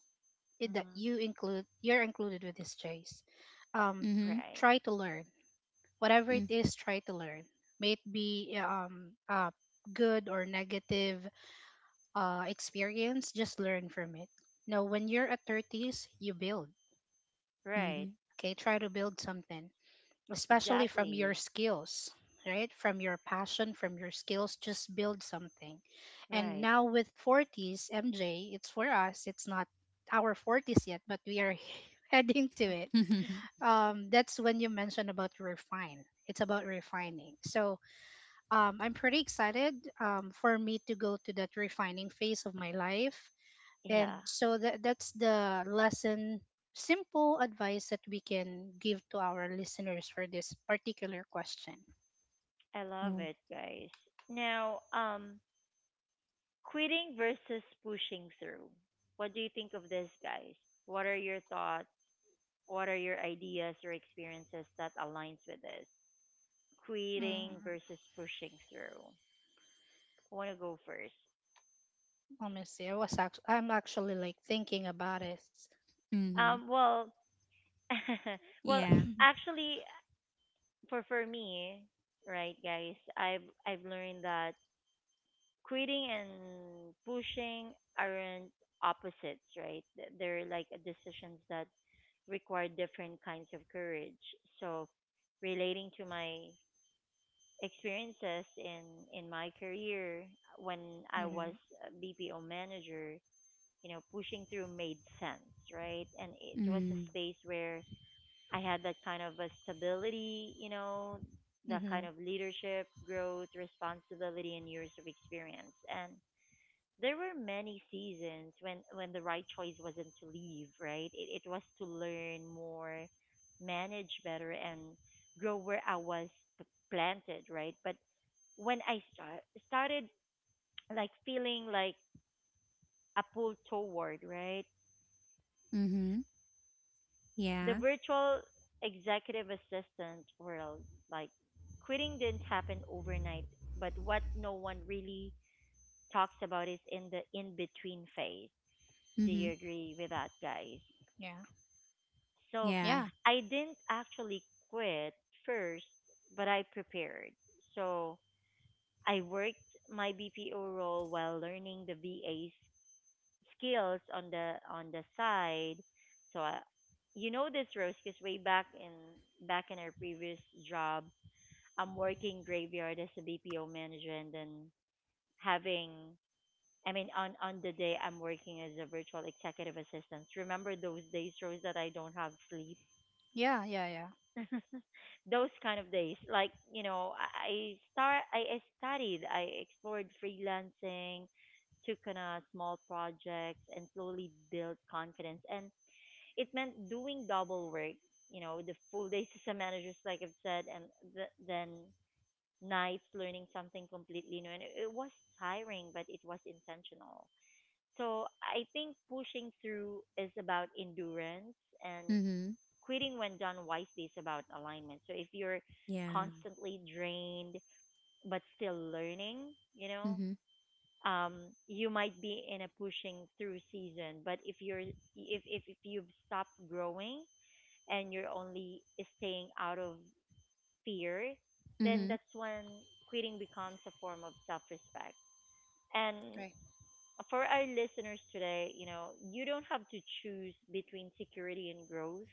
Speaker 2: that
Speaker 1: Mhm.
Speaker 2: you're included with this, Jace. Um,
Speaker 3: Mm-hmm.
Speaker 1: Right.
Speaker 2: try to learn whatever it is. Try to learn. May it be good or negative experience, just learn from it. No, when you're at 30s, you build.
Speaker 1: Right.
Speaker 3: Mm-hmm.
Speaker 2: Okay, try to build something, especially from
Speaker 1: Exactly.
Speaker 2: your skills, right? From your passion, from your skills, just build something. And
Speaker 1: Right.
Speaker 2: now with 40s, MJ, it's for us, it's not our 40s yet, but we are <laughs> heading to
Speaker 1: Mm.
Speaker 2: it.
Speaker 3: <laughs>
Speaker 2: That's when you mentioned about refine. It's about refining. I'm pretty excited for me to go to that refining phase of my life
Speaker 1: Yeah,
Speaker 2: and so that's the lesson, simple advice that we can give to our listeners for this particular question.
Speaker 1: I love
Speaker 3: Oh.
Speaker 1: it, guys. Now, quitting versus pushing through. What do you think of this, guys? What are your thoughts? What are your ideas or experiences that aligns with this? Quitting
Speaker 2: Mm,
Speaker 1: versus pushing through. I want to go first.
Speaker 2: let me see. I'm actually like thinking about it.
Speaker 3: Mm-hmm.
Speaker 1: Well, <laughs> well,
Speaker 3: Yeah.
Speaker 2: <laughs>
Speaker 1: actually, for me, right, guys, I've learned that quitting and pushing aren't opposites, right? They're like decisions that require different kinds of courage. So, relating to my experiences in my career when I
Speaker 2: Mm-hmm.
Speaker 1: was a BPO manager, you know, pushing through made sense, right? And it was a
Speaker 3: Mm.
Speaker 1: space where I had that kind of a stability, you know, that
Speaker 2: Mm-hmm.
Speaker 1: kind of leadership, growth, responsibility, and years of experience. And there were many seasons when the right choice wasn't to leave, right, it was to learn more, manage better, and grow where I was p- planted, right. But when I started like feeling like a pull toward, right,
Speaker 3: Mm-hmm.
Speaker 1: the
Speaker 3: Yeah.
Speaker 1: virtual executive assistant world, like quitting didn't happen overnight. But what no one really talks about is in the in between phase. Do
Speaker 3: Mm-hmm.
Speaker 1: you agree with that, guys?
Speaker 2: Yeah.
Speaker 1: So
Speaker 3: Yeah.
Speaker 2: Yeah.
Speaker 1: I didn't actually quit first, but I prepared. So I worked my BPO role while learning the VA skills on the side. So I, you know this, Rose, because way back in back in our previous job, I'm working graveyard as a BPO manager, and then having, I mean, on the day I'm working as a virtual executive assistant. Remember those days, Rose, that I don't have sleep?
Speaker 2: Yeah. Yeah. Yeah.
Speaker 1: <laughs> Those kind of days, like, you know, I studied, I explored freelancing, took on a small projects, and slowly built confidence. And it meant doing double work, you know, the full days as a manager, like I've said, and then nights learning something completely new. And it was tiring, but it was intentional. So I think pushing through is about endurance, and
Speaker 3: Mm-hmm.
Speaker 1: quitting when done wisely is about alignment. So if you're
Speaker 3: Yeah.
Speaker 1: constantly drained but still learning, you know,
Speaker 3: Mm-hmm.
Speaker 1: um, you might be in a pushing through season. But if you've stopped growing, and you're only staying out of fear, then
Speaker 3: Mm-hmm.
Speaker 1: that's when quitting becomes a form of self respect. And
Speaker 2: Right.
Speaker 1: for our listeners today, you know, you don't have to choose between security and growth.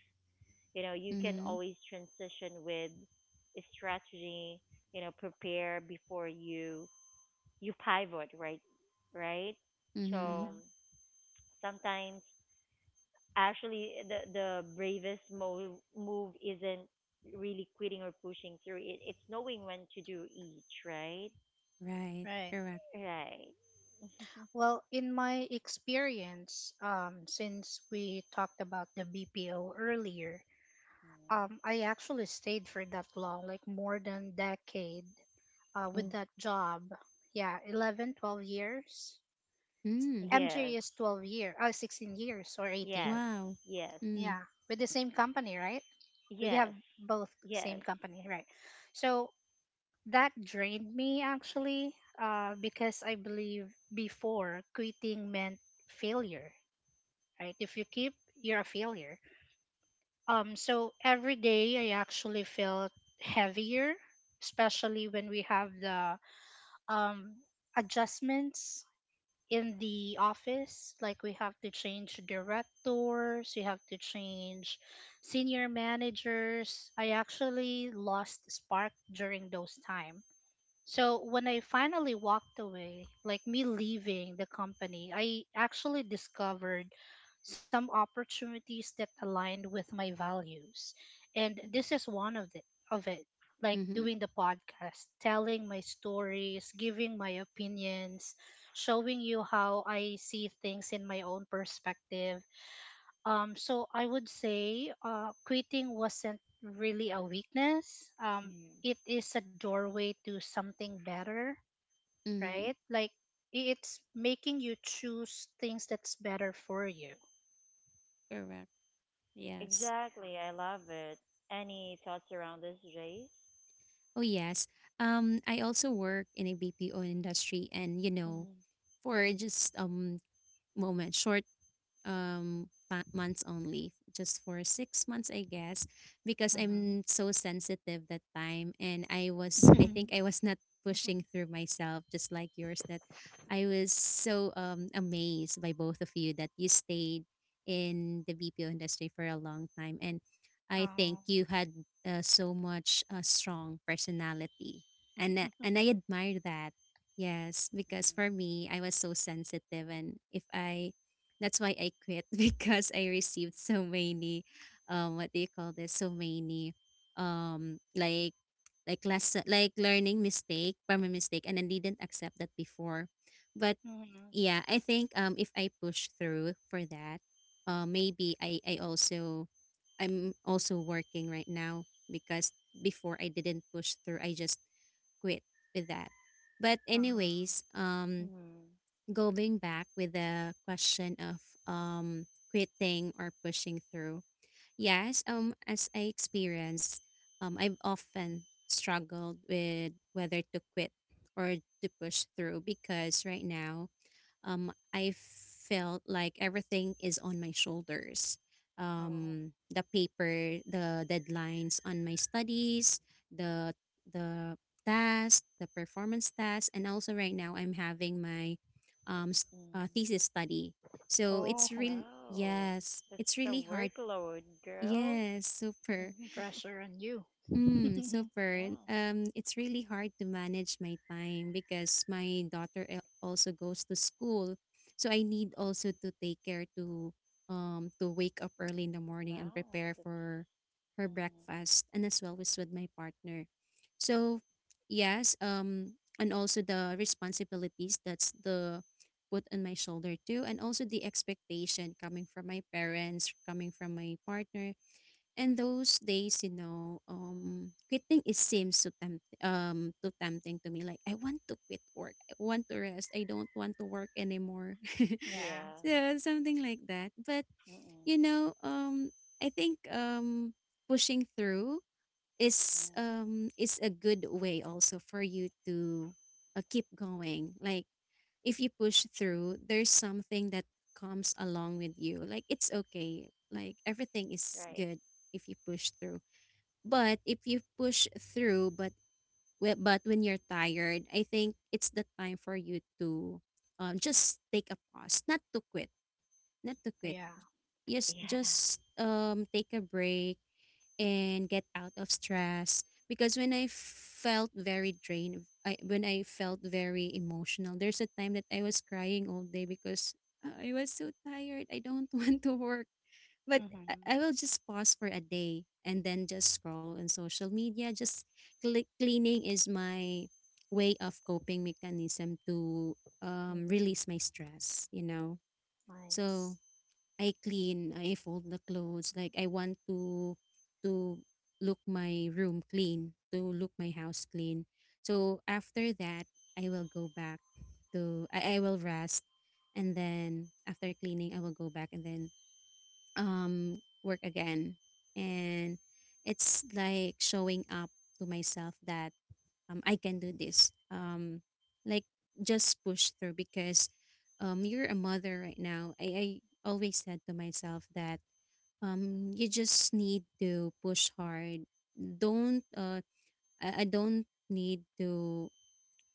Speaker 1: You can
Speaker 3: Mm-hmm.
Speaker 1: always transition with a strategy. Prepare before you pivot, right, right. So
Speaker 3: Mm-hmm.
Speaker 2: Mm-hmm.
Speaker 1: sometimes actually the bravest move isn't really quitting or pushing through. It's knowing when to do each, right,
Speaker 3: Right.
Speaker 2: Right.
Speaker 3: Correct.
Speaker 1: right. <laughs>
Speaker 2: Well, in my experience, since we talked about the BPO earlier,
Speaker 1: Mm.
Speaker 2: I actually stayed for that long, like more than decade, with
Speaker 3: Oh.
Speaker 2: that job. Yeah, 11, 12 years.
Speaker 3: Mm.
Speaker 2: MJ
Speaker 1: Yes,
Speaker 2: is 12 year, 16 years or 18.
Speaker 1: yes,
Speaker 3: Wow.
Speaker 1: yes,
Speaker 3: Mm.
Speaker 2: Yeah, with the same company, right? We have
Speaker 1: yes,
Speaker 2: both same
Speaker 1: yes.
Speaker 2: company, right? So that drained me actually because I believe before quitting meant failure, right? If you keep, you're a failure. So every day I actually felt heavier, especially when we have the um, adjustments in the office, like we have to change directors, you have to change senior managers. I actually lost spark during those time. So when I finally walked away, like me leaving the company, I actually discovered some opportunities that aligned with my values. And this is one of the of it, like
Speaker 3: Mm-hmm.
Speaker 2: doing the podcast, telling my stories, giving my opinions, showing you how I see things in my own perspective. So I would say quitting wasn't really a weakness.
Speaker 1: Mm.
Speaker 2: It is a doorway to something better, right?
Speaker 3: Mm-hmm.
Speaker 2: Like it's making you choose things that's better for you.
Speaker 3: Correct. Yes.
Speaker 1: Exactly. I love it. Any thoughts around this, Jace?
Speaker 3: Oh, yes. I also work in a BPO industry, and you know,
Speaker 1: Mm-hmm.
Speaker 3: for just, moment, short, months only, just for 6 months, I guess, because
Speaker 2: Mm-hmm.
Speaker 3: I'm so sensitive that time, and I
Speaker 1: Mm. Mm.
Speaker 3: think I
Speaker 2: <laughs>
Speaker 3: was not pushing through myself, just like yours. That I was so amazed by both of you that you stayed in the BPO industry for a long time, and I think
Speaker 2: Oh,
Speaker 3: you had, so much, strong personality, and I admire that. Yes, because for me I was so sensitive, and if I that's why I quit <laughs> because I received so many, what do you call this? So many, um, like, like lesson, like learning mistake from a mistake, and I didn't accept that before. But
Speaker 2: mm-hmm.
Speaker 3: yeah, I think if I push through for that, maybe I also I'm also working right now because before I didn't push through, I just quit with that. But anyways,
Speaker 2: Uh,
Speaker 1: Mm-hmm.
Speaker 3: going back with the question of um quitting or pushing through. Yes, as I experienced, I've often struggled with whether to quit or to push through because right now, I felt like everything is on my shoulders.
Speaker 2: oh,
Speaker 3: The paper, the deadlines on my studies, the the task, the performance task, and also right now I'm having my um, s-
Speaker 1: Mm-hmm.
Speaker 3: thesis study. So it's
Speaker 2: oh,
Speaker 3: really,
Speaker 1: Wow.
Speaker 3: yes, it's
Speaker 1: That's a
Speaker 3: really hard.
Speaker 1: workload, girl. <laughs>
Speaker 3: Yes, super.
Speaker 2: pressure on you.
Speaker 3: Mm,
Speaker 2: <laughs>
Speaker 3: super.
Speaker 1: Yeah.
Speaker 3: It's really hard to manage my time because my daughter also goes to school, so I need also to take care to wake up early in the morning and prepare
Speaker 1: Wow. That's,
Speaker 3: for her
Speaker 1: mm,
Speaker 3: breakfast, and as well as with my partner. So yes, and also the responsibilities that's the put on my shoulder too, and also the expectation coming from my parents, coming from my partner. And those days, you know, quitting, it seems so tempt too tempting to me. Like I want to quit work. I want to rest. I don't want to work anymore. <laughs>
Speaker 2: Yeah,
Speaker 1: yeah.
Speaker 3: So something like that. But you
Speaker 1: Mm-mm.
Speaker 3: know, I think pushing through
Speaker 1: Mm,
Speaker 3: is a good way also for you to keep going. Like if you push through, there's something that comes along with you. Like it's okay. Like everything is
Speaker 1: right.
Speaker 3: good if you push through. But if you push through, but but when you're tired, I think it's the time for you to just take a pause, not to quit, not to quit.
Speaker 2: yeah.
Speaker 3: Yes,
Speaker 1: Yeah.
Speaker 3: just take a break and get out of stress. Because when I felt very drained, when I felt very emotional, there's a time that I was crying all day because I was so tired. I don't <laughs> want to work. But I
Speaker 2: Mm-hmm.
Speaker 3: will just pause for a day and then just scroll on social media. Just cleaning is my way of coping mechanism to
Speaker 2: Mm-hmm.
Speaker 3: release my stress, you know. So
Speaker 2: Nice.
Speaker 3: I clean, I fold the clothes. Like I want to look my room clean, to look my house clean. So after that, I will go back to I will rest, and then after cleaning I will go back and then work again, and it's like showing up to myself that I can do this, like just push through because you're a mother right now. I always said to myself that you just need to push hard. Don't I don't need to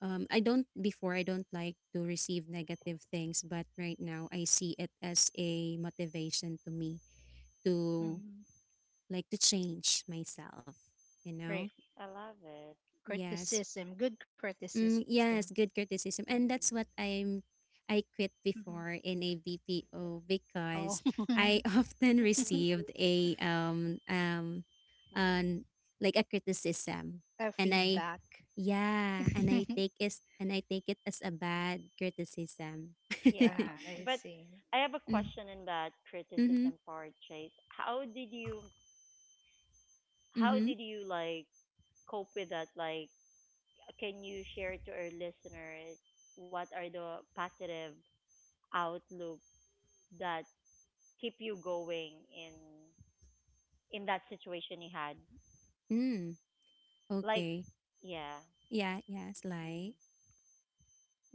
Speaker 3: I don't. Before I don't like to receive negative things, but right now I see it as a motivation to me to
Speaker 2: Mm-hmm.
Speaker 3: like to change myself, you know?
Speaker 2: Right.
Speaker 1: I love it.
Speaker 3: Yes.
Speaker 2: Criticism, good
Speaker 3: Mm,
Speaker 2: criticism.
Speaker 3: yes, good criticism. And
Speaker 1: Mm.
Speaker 3: that's what I'm I quit
Speaker 2: Mm-hmm.
Speaker 3: before in a BPO
Speaker 2: Oh,
Speaker 3: because I <laughs>
Speaker 2: <laughs>
Speaker 3: often
Speaker 1: <laughs>
Speaker 3: received a
Speaker 1: Mm.
Speaker 3: an like a criticism
Speaker 2: a
Speaker 3: and I
Speaker 2: feedback.
Speaker 3: yeah,
Speaker 2: <laughs>
Speaker 3: and I take is and I take it as a bad criticism. <laughs>
Speaker 1: Yeah,
Speaker 2: Ah, I
Speaker 1: but
Speaker 2: see.
Speaker 1: I have a
Speaker 3: Mm,
Speaker 1: question in that
Speaker 3: mhm.
Speaker 1: criticism part, Chase. How
Speaker 3: Mhm.
Speaker 1: did you like cope with that? Like, can you share to our listeners what are the positive outlook that keep you going in that situation you had?
Speaker 3: Mm.
Speaker 1: Like,
Speaker 3: Okay.
Speaker 1: yeah.
Speaker 3: Yeah, yes,
Speaker 1: Mm.
Speaker 3: like.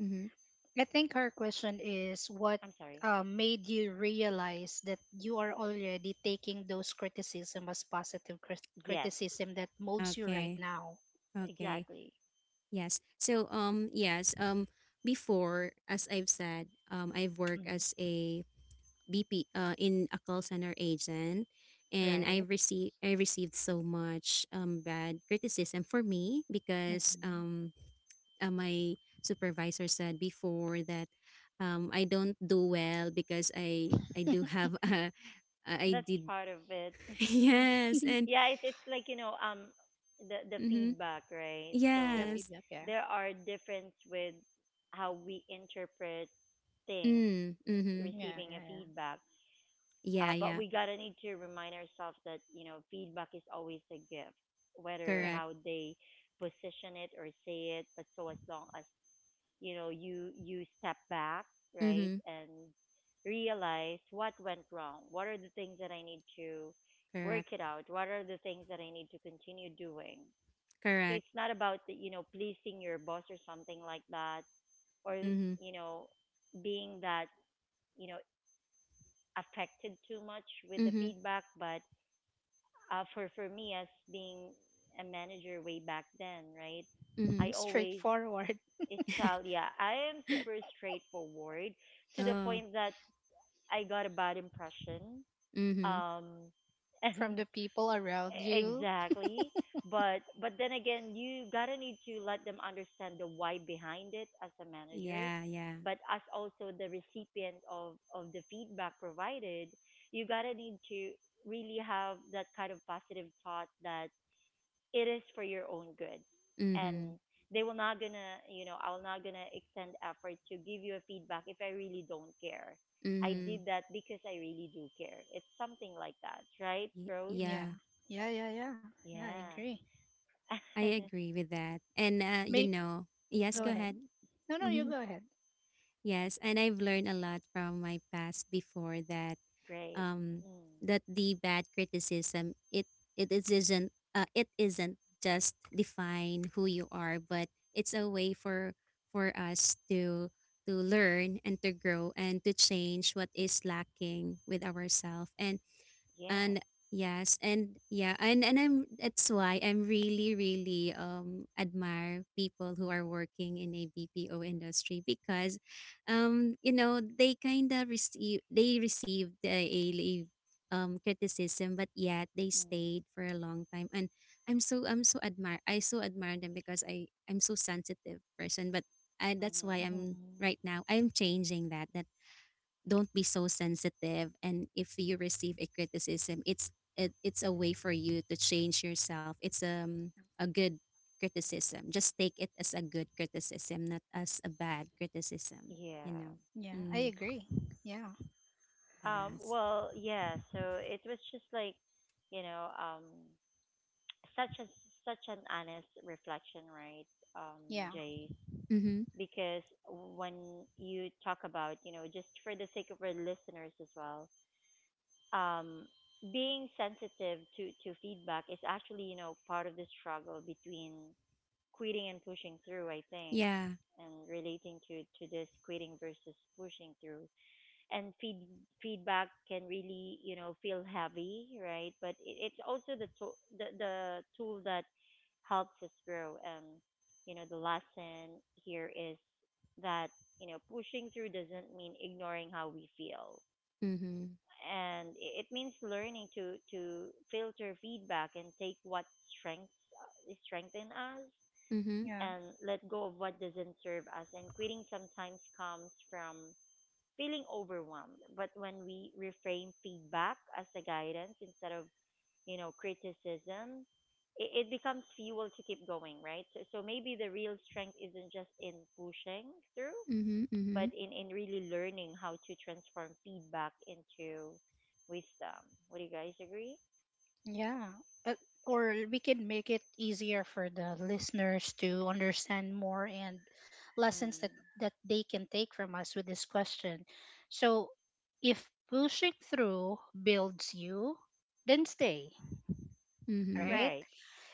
Speaker 3: Mhm.
Speaker 2: I think her question is what
Speaker 1: I'm sorry.
Speaker 2: made you realize that you are already taking those criticism as positive
Speaker 1: Yes,
Speaker 2: criticism that molds you right
Speaker 3: Okay.
Speaker 2: now.
Speaker 3: Okay.
Speaker 1: exactly.
Speaker 3: Yes. So yes, before as I've said, I've worked
Speaker 2: Mhm.
Speaker 3: as a BP uh in a call center agent, and
Speaker 2: Right?
Speaker 3: I received so much bad criticism for me because
Speaker 2: Hmm.
Speaker 3: my supervisor said before that I don't do well because I do have <laughs> a I
Speaker 1: That's
Speaker 3: did.
Speaker 1: part of it.
Speaker 3: <laughs>
Speaker 1: <laughs>
Speaker 3: Yes. And
Speaker 2: <laughs>
Speaker 1: Yeah, it's like, you know, the
Speaker 3: mhm,
Speaker 1: feedback, right?
Speaker 2: Yeah,
Speaker 1: So
Speaker 3: yes,
Speaker 2: feedback. Yeah.
Speaker 1: there are difference with how we interpret things,
Speaker 3: mm, mhm,
Speaker 2: Yeah,
Speaker 1: receiving a
Speaker 2: yeah, yeah.
Speaker 1: feedback.
Speaker 3: yeah,
Speaker 1: But
Speaker 3: yeah,
Speaker 1: we gotta need to remind ourselves that, you know, feedback is always a gift, whether
Speaker 3: correct,
Speaker 1: how
Speaker 2: Right.
Speaker 1: they position it or say it. But so as long as, you know, you step back, right,
Speaker 3: mhm.
Speaker 1: and realize what went wrong, what are the things that I need to work
Speaker 3: Correct.
Speaker 1: it out, what are the things that I need to continue doing. So
Speaker 3: Correct.
Speaker 1: it's not about the, pleasing your boss or something like that, or
Speaker 3: Mhm.
Speaker 1: you know being that you know affected too much with the
Speaker 3: Mhm.
Speaker 1: feedback, but for me, as being a manager way back then, right? I
Speaker 3: Mhm.
Speaker 1: always
Speaker 2: Straightforward.
Speaker 1: is tell yeah, I am super straightforward to the
Speaker 3: Oh.
Speaker 1: point that I got a bad impression.
Speaker 3: Mhm.
Speaker 1: Um, <laughs>
Speaker 2: <laughs> From the
Speaker 1: and,
Speaker 2: people around you.
Speaker 1: Exactly. But then again, you gotta need to let them understand the why behind it as a manager,
Speaker 3: Yeah, yeah.
Speaker 1: but as also the recipient of the feedback provided, you gotta need to really have that kind of positive thought that it is for your own good, and
Speaker 3: Mhm.
Speaker 1: they will not gonna you know I will not gonna extend effort to give you a feedback if I really don't care. I
Speaker 3: Mhm.
Speaker 1: did that because I really do care. It's something like that, right,
Speaker 3: Y-
Speaker 1: Rose?
Speaker 2: Yeah.
Speaker 3: yeah.
Speaker 2: Yeah, yeah, yeah. Yeah, I
Speaker 1: Yeah.
Speaker 2: agree.
Speaker 3: I
Speaker 1: <laughs>
Speaker 3: agree with that. And you
Speaker 2: May
Speaker 1: Mm.
Speaker 3: know, yes,
Speaker 2: go
Speaker 3: go
Speaker 1: Mm.
Speaker 2: ahead.
Speaker 3: ahead.
Speaker 2: No, no, you
Speaker 3: Mhm.
Speaker 2: go ahead.
Speaker 3: Yes, and I've learned a lot from my past before that,
Speaker 1: Great.
Speaker 3: um,
Speaker 1: Mm.
Speaker 3: that the bad criticism, it is isn't it isn't just define who you are, but it's a way for us to learn and to grow and to change what is lacking with ourselves. and
Speaker 1: Yeah.
Speaker 3: and yes, and yeah, and I'm that's why I'm really really admire people who are working in a BPO industry because you know, they received a criticism, but yet they
Speaker 1: Mm.
Speaker 3: stayed for a long time. And I'm so admire, I so admire them because I'm so sensitive person. But that's why
Speaker 1: Mm-hmm.
Speaker 3: I'm
Speaker 2: Mhm.
Speaker 3: right now I'm changing that, that don't be so sensitive. And if you receive a criticism, it, it's a way for you to change yourself. It's a good criticism. Just take it as a good criticism, not as a bad criticism, you
Speaker 1: Yeah.
Speaker 3: know.
Speaker 2: Yeah, I
Speaker 3: Mm-hmm.
Speaker 2: agree. Yeah,
Speaker 3: Yes,
Speaker 1: Well, yeah, so it was just like, you know, <tsk> such a such an honest reflection, right, um,
Speaker 2: yeah,
Speaker 1: Jace?
Speaker 3: mm-hmm,
Speaker 1: Because when you talk about, you know, just for the sake of our listeners as well, um, being sensitive to feedback is actually, you know, part of the struggle between quitting and pushing through, I think,
Speaker 3: yeah,
Speaker 1: and relating to this quitting versus pushing through. And feedback can really, you know, feel heavy, right? But it's also the tool that helps us grow. And, you know, the lesson here is that, pushing through doesn't mean ignoring how we feel,
Speaker 3: mm-hmm.
Speaker 1: and it means learning to filter feedback and take what strengths strengthen us
Speaker 3: Mm-hmm.
Speaker 2: yeah,
Speaker 1: and let go of what doesn't serve us. And quitting sometimes comes from feeling overwhelmed. But when we reframe feedback as a guidance instead of, criticism, it becomes fuel to keep going, right? So maybe the real strength isn't just in pushing through,
Speaker 3: Mm-hmm. Mm-hmm.
Speaker 1: but in really learning how to transform feedback into wisdom. Would you guys agree?
Speaker 2: yeah. Uh, or we can make it easier for the listeners to understand more and lessons
Speaker 1: Mm.
Speaker 2: that they can take from us with this question. So, if pushing through builds you, then stay,
Speaker 3: Mm-hmm.
Speaker 2: right?
Speaker 1: Right.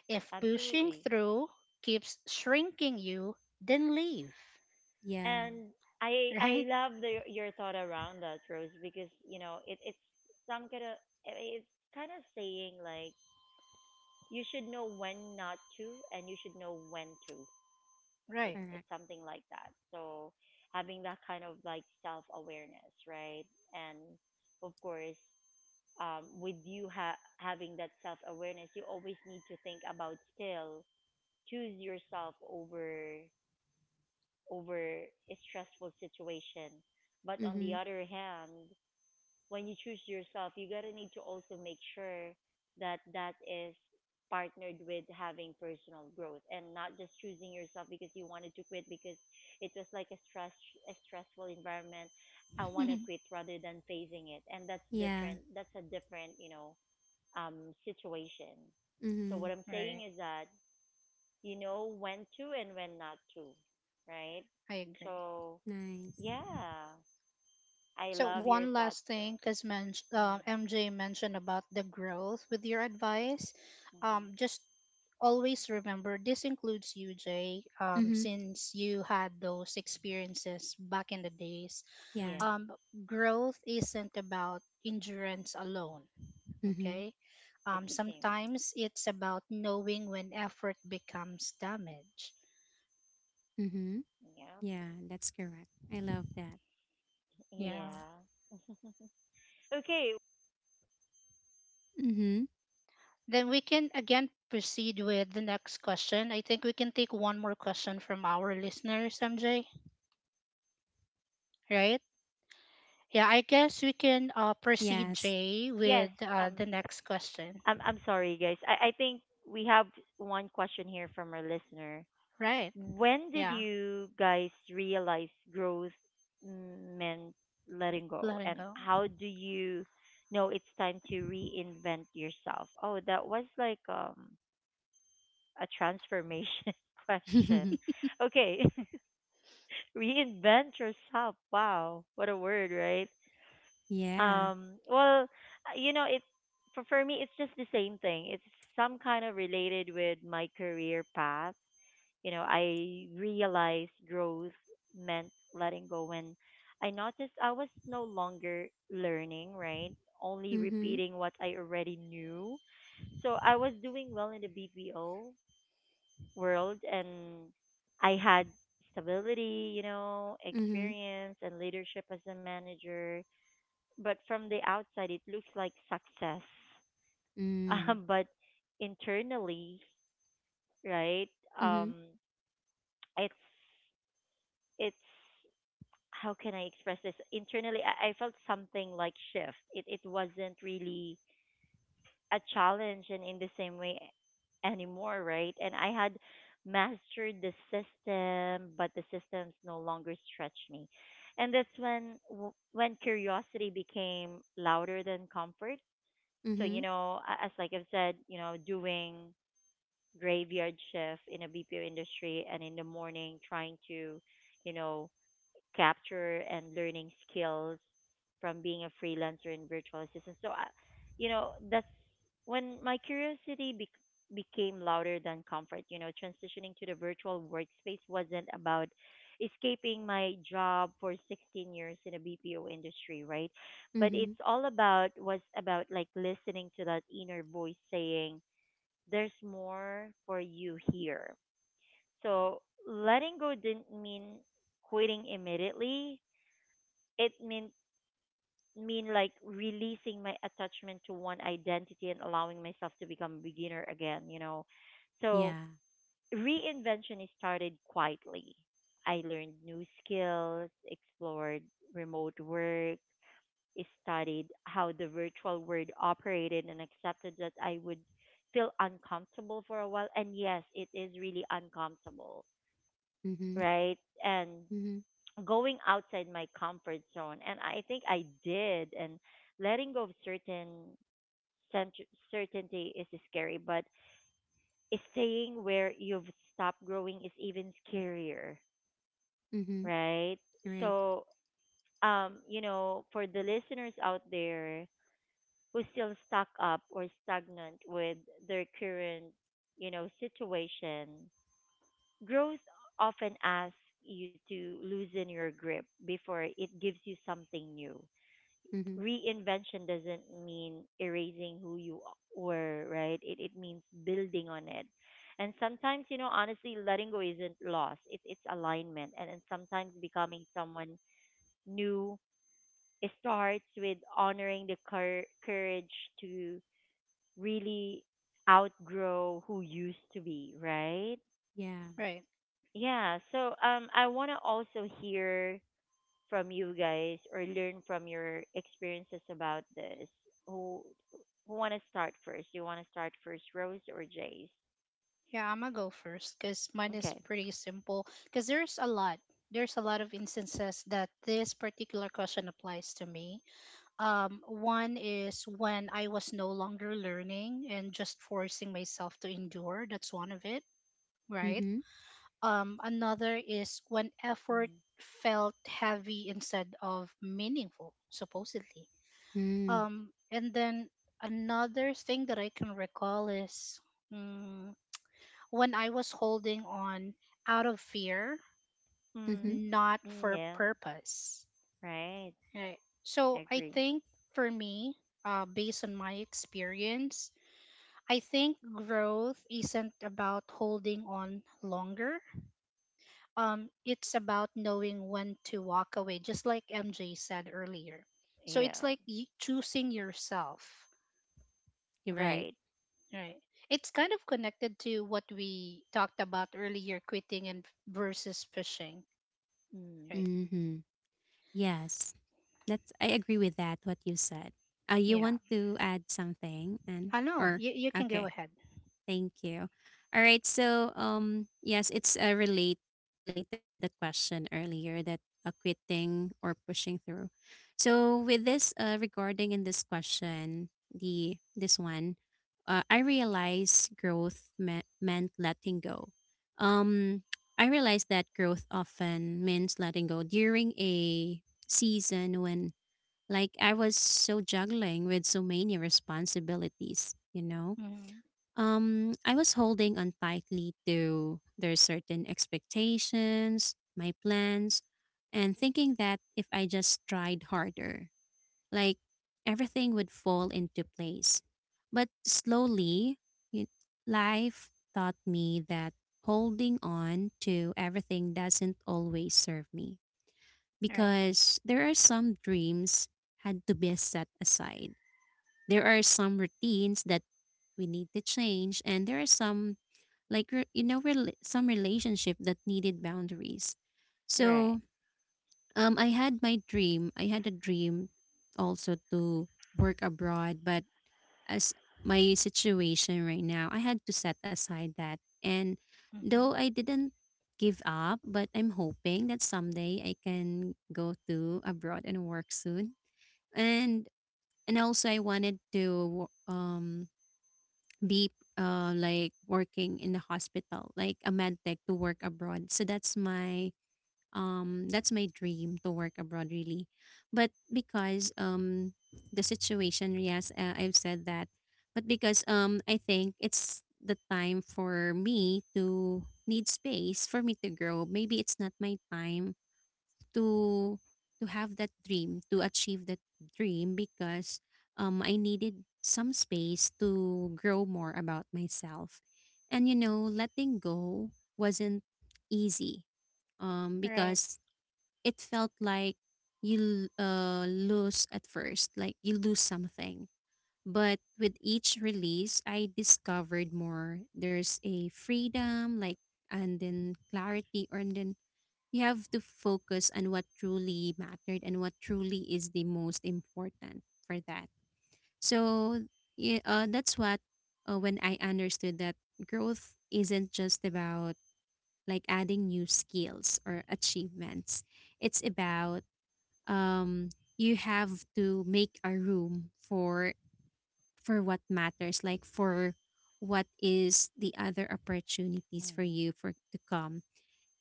Speaker 2: If pushing
Speaker 1: Absolutely.
Speaker 2: through keeps shrinking you, then leave,
Speaker 3: Yeah,
Speaker 1: And I
Speaker 2: right?
Speaker 1: love the, your thought around that, Rose, because it's some kind of it's kind of saying like you should know when not to and you should know when to. It's
Speaker 2: Right.
Speaker 3: correct,
Speaker 1: it's something like that. So having that kind of like self awareness, right? And of course, with you having that self awareness, you always need to think about still choose yourself over over a stressful situation. But on the
Speaker 3: mm-hmm,
Speaker 1: other hand, when you choose yourself, you gotta need to also make sure that that is partnered with having personal growth and not just choosing yourself because you wanted to quit because it was like a stress a stressful environment. I want to quit
Speaker 2: <laughs>
Speaker 1: rather than facing it, and that's
Speaker 3: yeah,
Speaker 1: different. That's a different, situation. So
Speaker 3: mm-hmm.
Speaker 1: what I'm
Speaker 2: Right.
Speaker 1: saying is that you know when to and when not to, right?
Speaker 2: I agree.
Speaker 1: So
Speaker 3: Nice.
Speaker 1: yeah, I
Speaker 2: So
Speaker 3: Yeah,
Speaker 1: love your
Speaker 2: one last
Speaker 1: thoughts.
Speaker 2: thing,
Speaker 1: Around-
Speaker 2: because
Speaker 1: Mm,
Speaker 2: MJ mentioned about the growth with your advice.
Speaker 1: mhm.
Speaker 2: Just always remember this includes you, Jay.
Speaker 3: mm-hmm,
Speaker 2: Since you had those experiences back in the days,
Speaker 3: yeah,
Speaker 2: um,
Speaker 1: Yes,
Speaker 2: growth isn't about endurance alone.
Speaker 3: mm-hmm.
Speaker 2: Okay,
Speaker 1: it's a team.
Speaker 2: sometimes it's about knowing when effort becomes damage.
Speaker 3: Mm-hmm.
Speaker 1: Yeah,
Speaker 3: Yeah, that's correct. I love that.
Speaker 2: Yeah.
Speaker 3: Yes.
Speaker 1: yeah. <laughs> Okay.
Speaker 3: Mm-hmm.
Speaker 2: Then we can again proceed with the next question. I think we can take one more question from our listeners, MJ, right? Yeah, I guess we can proceed,
Speaker 3: Yes.
Speaker 2: Jay,
Speaker 1: Yes.
Speaker 2: with
Speaker 1: Um.
Speaker 2: the next question.
Speaker 1: I'm. I'm sorry, guys. I. I think we have one question here from our listener.
Speaker 2: Right.
Speaker 1: When did
Speaker 2: Yeah,
Speaker 1: you guys realize growth meant letting go,
Speaker 2: letting
Speaker 1: and
Speaker 2: go.
Speaker 1: how do you know it's time to reinvent yourself? Oh, that was like a transformation <laughs> question.
Speaker 3: <laughs>
Speaker 1: Okay, <laughs> reinvent yourself. Wow, what a word, right?
Speaker 3: Yeah.
Speaker 1: Well, you know, it for me, it's just the same thing. It's some kind of related with my career path. You know, I realized growth meant letting go when I noticed I was no longer learning, right? Only
Speaker 3: Mm-hmm.
Speaker 1: repeating what I already knew. So I was doing well in the BPO, world and I had stability, you know,
Speaker 3: Mm-hmm.
Speaker 1: experience and leadership as a manager. But from the outside, it looks like success. <laughs>
Speaker 3: Mm.
Speaker 1: But internally, right?
Speaker 3: Mm-hmm.
Speaker 1: Um, it's it's how can I express this? Internally, I felt something like shift. It wasn't really a challenge and in the same way anymore, right? And I had mastered the system, but the systems no longer stretched me. And that's when when curiosity became louder than comfort. So,
Speaker 3: Mm-hmm.
Speaker 1: you know, as like I've said, you know, doing graveyard shift in a BPO industry and in the morning trying to, you know, capture and learning skills from being a freelancer and virtual assistant. So, I, you know, that's when my curiosity became louder than comfort. You know, transitioning to the virtual workspace wasn't about escaping my job for 16 years in a BPO industry, right? But it's
Speaker 3: Mm-hmm.
Speaker 1: all about was about like listening to that inner voice saying, "There's more for you here." So letting go didn't mean quitting immediately it mean like releasing my attachment to one identity and allowing myself to become a beginner again, you know. So
Speaker 3: Yeah.
Speaker 1: reinvention is started quietly. I learned new skills, explored remote work, studied how the virtual world operated and accepted that I would feel uncomfortable for a while. And yes, it is really uncomfortable,
Speaker 3: Mm-hmm.
Speaker 1: right? And
Speaker 3: Mm-hmm.
Speaker 1: going outside my comfort zone and I think I did and letting go of certain cent- certainty is scary but staying where you've stopped growing is even scarier,
Speaker 3: Mm-hmm.
Speaker 1: right?
Speaker 3: You're right.
Speaker 1: So um, you know, for the listeners out there who still stuck up or stagnant with their current, you know, situation, growth often asks you to loosen your grip before it gives you something new.
Speaker 3: Mm-hmm.
Speaker 1: Reinvention doesn't mean erasing who you were, right? It means building on it. And sometimes, you know, honestly, letting go isn't loss. It's alignment. And sometimes becoming someone new starts with honoring the courage to really outgrow who used to be, right?
Speaker 3: Yeah.
Speaker 2: Right.
Speaker 1: Yeah. So um, I wanna also hear from you guys or learn from your experiences about this? Who who want to start first? Do you want to start first, Rose or Jace?
Speaker 2: Yeah, I'm going to go first because mine is
Speaker 1: Okay.
Speaker 2: pretty simple because there's a lot. There's a lot of instances that this particular question applies to me. One is when I was no longer learning and just forcing myself to endure. That's one of it, right?
Speaker 3: Mm-hmm.
Speaker 2: Another is when effort
Speaker 1: Mm-hmm.
Speaker 2: felt heavy instead of meaningful, supposedly.
Speaker 3: Mm.
Speaker 2: And then another thing that I can recall is mm, when I was holding on out of fear,
Speaker 3: Mm-hmm. Mm, hmm, mm, hmm, mm,
Speaker 1: Mm,
Speaker 2: not
Speaker 1: mm,
Speaker 2: for
Speaker 1: yeah.
Speaker 2: purpose.
Speaker 1: Right.
Speaker 2: Right. So I
Speaker 1: Agree.
Speaker 2: think for me, based on my experience, I think growth isn't about holding on longer. It's about knowing when to walk away, just like MJ said earlier. So
Speaker 1: Yeah.
Speaker 2: it's like choosing yourself.
Speaker 3: hmm, right.
Speaker 1: Right.
Speaker 2: Right. It's kind of connected to what we talked about earlier, quitting and versus pushing.
Speaker 1: Mm,
Speaker 2: Right.
Speaker 3: Mm-hmm. Yes. That's, I agree with that, what you said. Uh, you
Speaker 2: Yeah.
Speaker 3: want to add something? And
Speaker 2: I know.
Speaker 3: or
Speaker 2: You can go
Speaker 3: okay.
Speaker 2: ahead.
Speaker 3: Thank you. All right. So, yes, it's related to the question earlier, that quitting or pushing through. So, with this regarding in this question, the this one, I realized meant letting go. Um, I realized that growth often means letting go during a season when, like, I was so juggling with so many responsibilities. You know,
Speaker 2: Mm-hmm.
Speaker 3: I was holding on tightly to their certain expectations, my plans, and thinking that if I just tried harder, like everything would fall into place. But slowly, you, life taught me that holding on to everything doesn't always serve me,
Speaker 2: Right.
Speaker 3: because there are some dreams had to be set aside. There are some routines that we need to change, and there are some you know some relationship that needed boundaries.
Speaker 1: right.
Speaker 3: So I had a dream also to work abroad. But as my situation right now, I had to set aside that, and though
Speaker 2: Mm-hmm.
Speaker 3: I didn't give up, but I'm hoping that someday I can go to abroad and work soon. and and also I wanted to be like working in the hospital, like a med tech to work abroad. So that's my dream to work abroad really. But because the situation, yes, I've said that. But because I think it's the time for me to need space for me to grow. Maybe it's not my time to to have that dream, to achieve that dream, because I needed some space to grow more about myself. And you know, letting go wasn't easy,
Speaker 2: Right.
Speaker 3: because it felt like lose at first, like you lose something. But with each release, I discovered more. There's a freedom, like, and then clarity, or and then you have to focus on what truly mattered and what truly is the most important for that. So yeah, that's what when I understood that growth isn't just about like adding new skills or achievements. It's about, um, you have to make a room for what matters, like for what is the other opportunities for
Speaker 1: Mm,
Speaker 3: you for to come,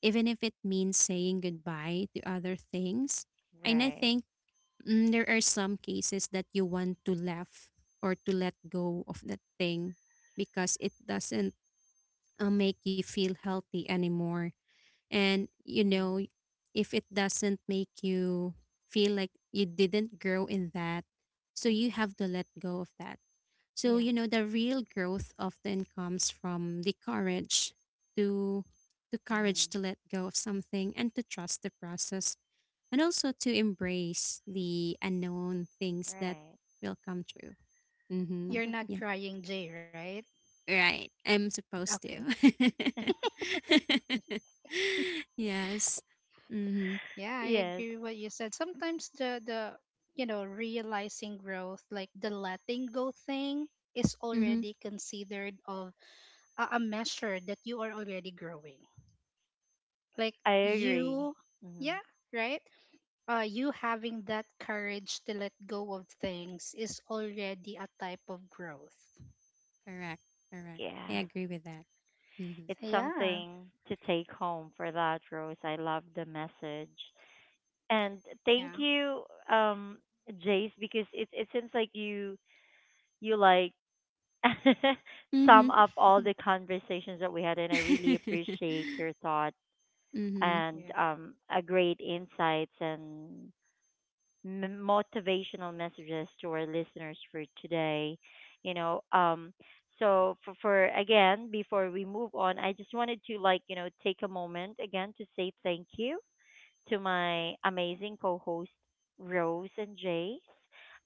Speaker 3: even if it means saying goodbye to other things. And I
Speaker 1: right.
Speaker 3: think, mm, there are some cases that you want to laugh or to let go of that thing because it doesn't make you feel healthy anymore. And, you know,
Speaker 1: Mm,
Speaker 3: if it doesn't make you feel like you didn't grow in that, so you have to let
Speaker 2: Mm-hmm.
Speaker 3: go of that. So, you know,
Speaker 2: Yeah.
Speaker 3: the real growth often comes from to the courage
Speaker 1: mm,
Speaker 3: to let go of something and to trust the process, and also to embrace the unknown things that
Speaker 1: right.
Speaker 3: will come true. Mm-hmm.
Speaker 2: You're
Speaker 3: Yeah,
Speaker 2: not
Speaker 1: <laughs>
Speaker 2: crying, Jay, right?
Speaker 3: right. I'm supposed to.
Speaker 2: Okay.
Speaker 3: <laughs> Yes. Mm-hmm.
Speaker 2: Yeah, I agree
Speaker 1: Yes,
Speaker 2: with what you said. Sometimes the you know, realizing growth, like the letting go thing is
Speaker 3: Mm-hmm.
Speaker 2: already considered of a measure that you are already growing. Like
Speaker 1: I agree.
Speaker 2: you
Speaker 1: Hmm.
Speaker 2: yeah, right? Uh, you having that courage to let go of things is already a type of growth.
Speaker 3: Correct. Correct. I
Speaker 1: Yeah.
Speaker 2: Right.
Speaker 3: agree with that. Mm-hmm.
Speaker 1: It's
Speaker 2: So yeah.
Speaker 1: something to take home for that, Rose. I love the message. And thank
Speaker 2: Yeah.
Speaker 1: you, um Jace, because it seems like you like <laughs>
Speaker 3: Mm-hmm.
Speaker 1: sum up all the conversations that we had and I really
Speaker 3: <laughs>
Speaker 1: appreciate your thought
Speaker 3: Mm-hmm.
Speaker 1: and
Speaker 2: Yeah.
Speaker 1: um, a great insights and motivational messages to our listeners for today, you know. Um, so for again before we move on, I just wanted to like, you know, take a moment again to say thank you to my amazing co hosts, Rose and Jace.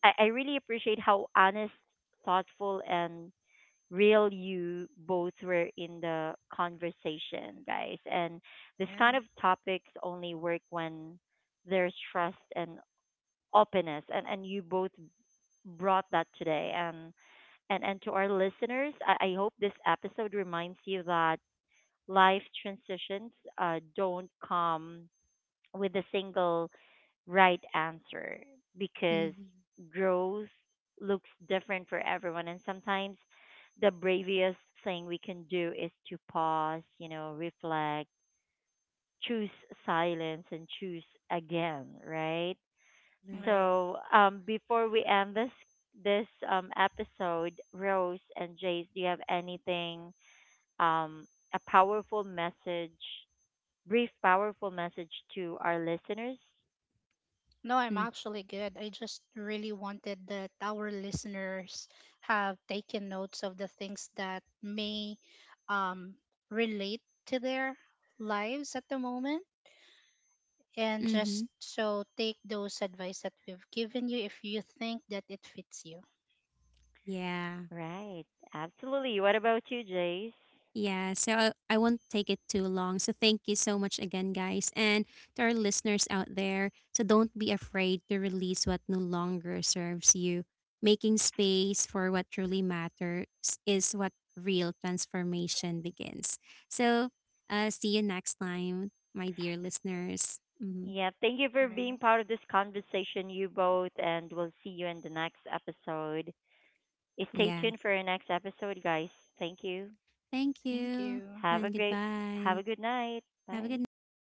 Speaker 1: I really appreciate how honest, thoughtful, and real you both were in the conversation, guys. And this kind
Speaker 2: Yeah.
Speaker 1: of topics only work when there's trust and openness. And you both brought that today. And to our listeners, I hope this episode reminds you that life transitions don't come with a single right answer because
Speaker 3: Mm-hmm.
Speaker 1: growth looks different for everyone. And sometimes the bravest thing we can do is to pause, you know, reflect, choose silence, and choose again, right?
Speaker 3: Right.
Speaker 2: Right.
Speaker 1: So before we end this episode, Rose and Jace, do you have anything um, a powerful message, brief powerful message to our listeners?
Speaker 2: No, I'm actually good. I just really wanted that our listeners have taken notes of the things that may um, relate to their lives at the moment. And
Speaker 3: Mm-hmm.
Speaker 2: just so take those advice that we've given you if you think that it fits you.
Speaker 3: Yeah.
Speaker 1: Right. Absolutely. What about you, Jace?
Speaker 3: Yeah, so I won't take it too long. So thank you so much again, guys. And to our listeners out there, so don't be afraid to release what no longer serves you. Making space for what truly matters is what real transformation begins. So see you next time, my dear listeners. Mhm.
Speaker 1: Yeah, thank you for
Speaker 2: Right.
Speaker 1: being part of this conversation, you both, and we'll see you in the next episode. Stay
Speaker 3: Yeah,
Speaker 1: tuned for our next episode, guys. Thank you.
Speaker 3: thank
Speaker 2: Thank
Speaker 3: you
Speaker 2: you.
Speaker 1: Have a
Speaker 3: and
Speaker 1: great have
Speaker 3: goodbye.
Speaker 1: a good night.
Speaker 3: Have a
Speaker 1: Bye.
Speaker 3: good night.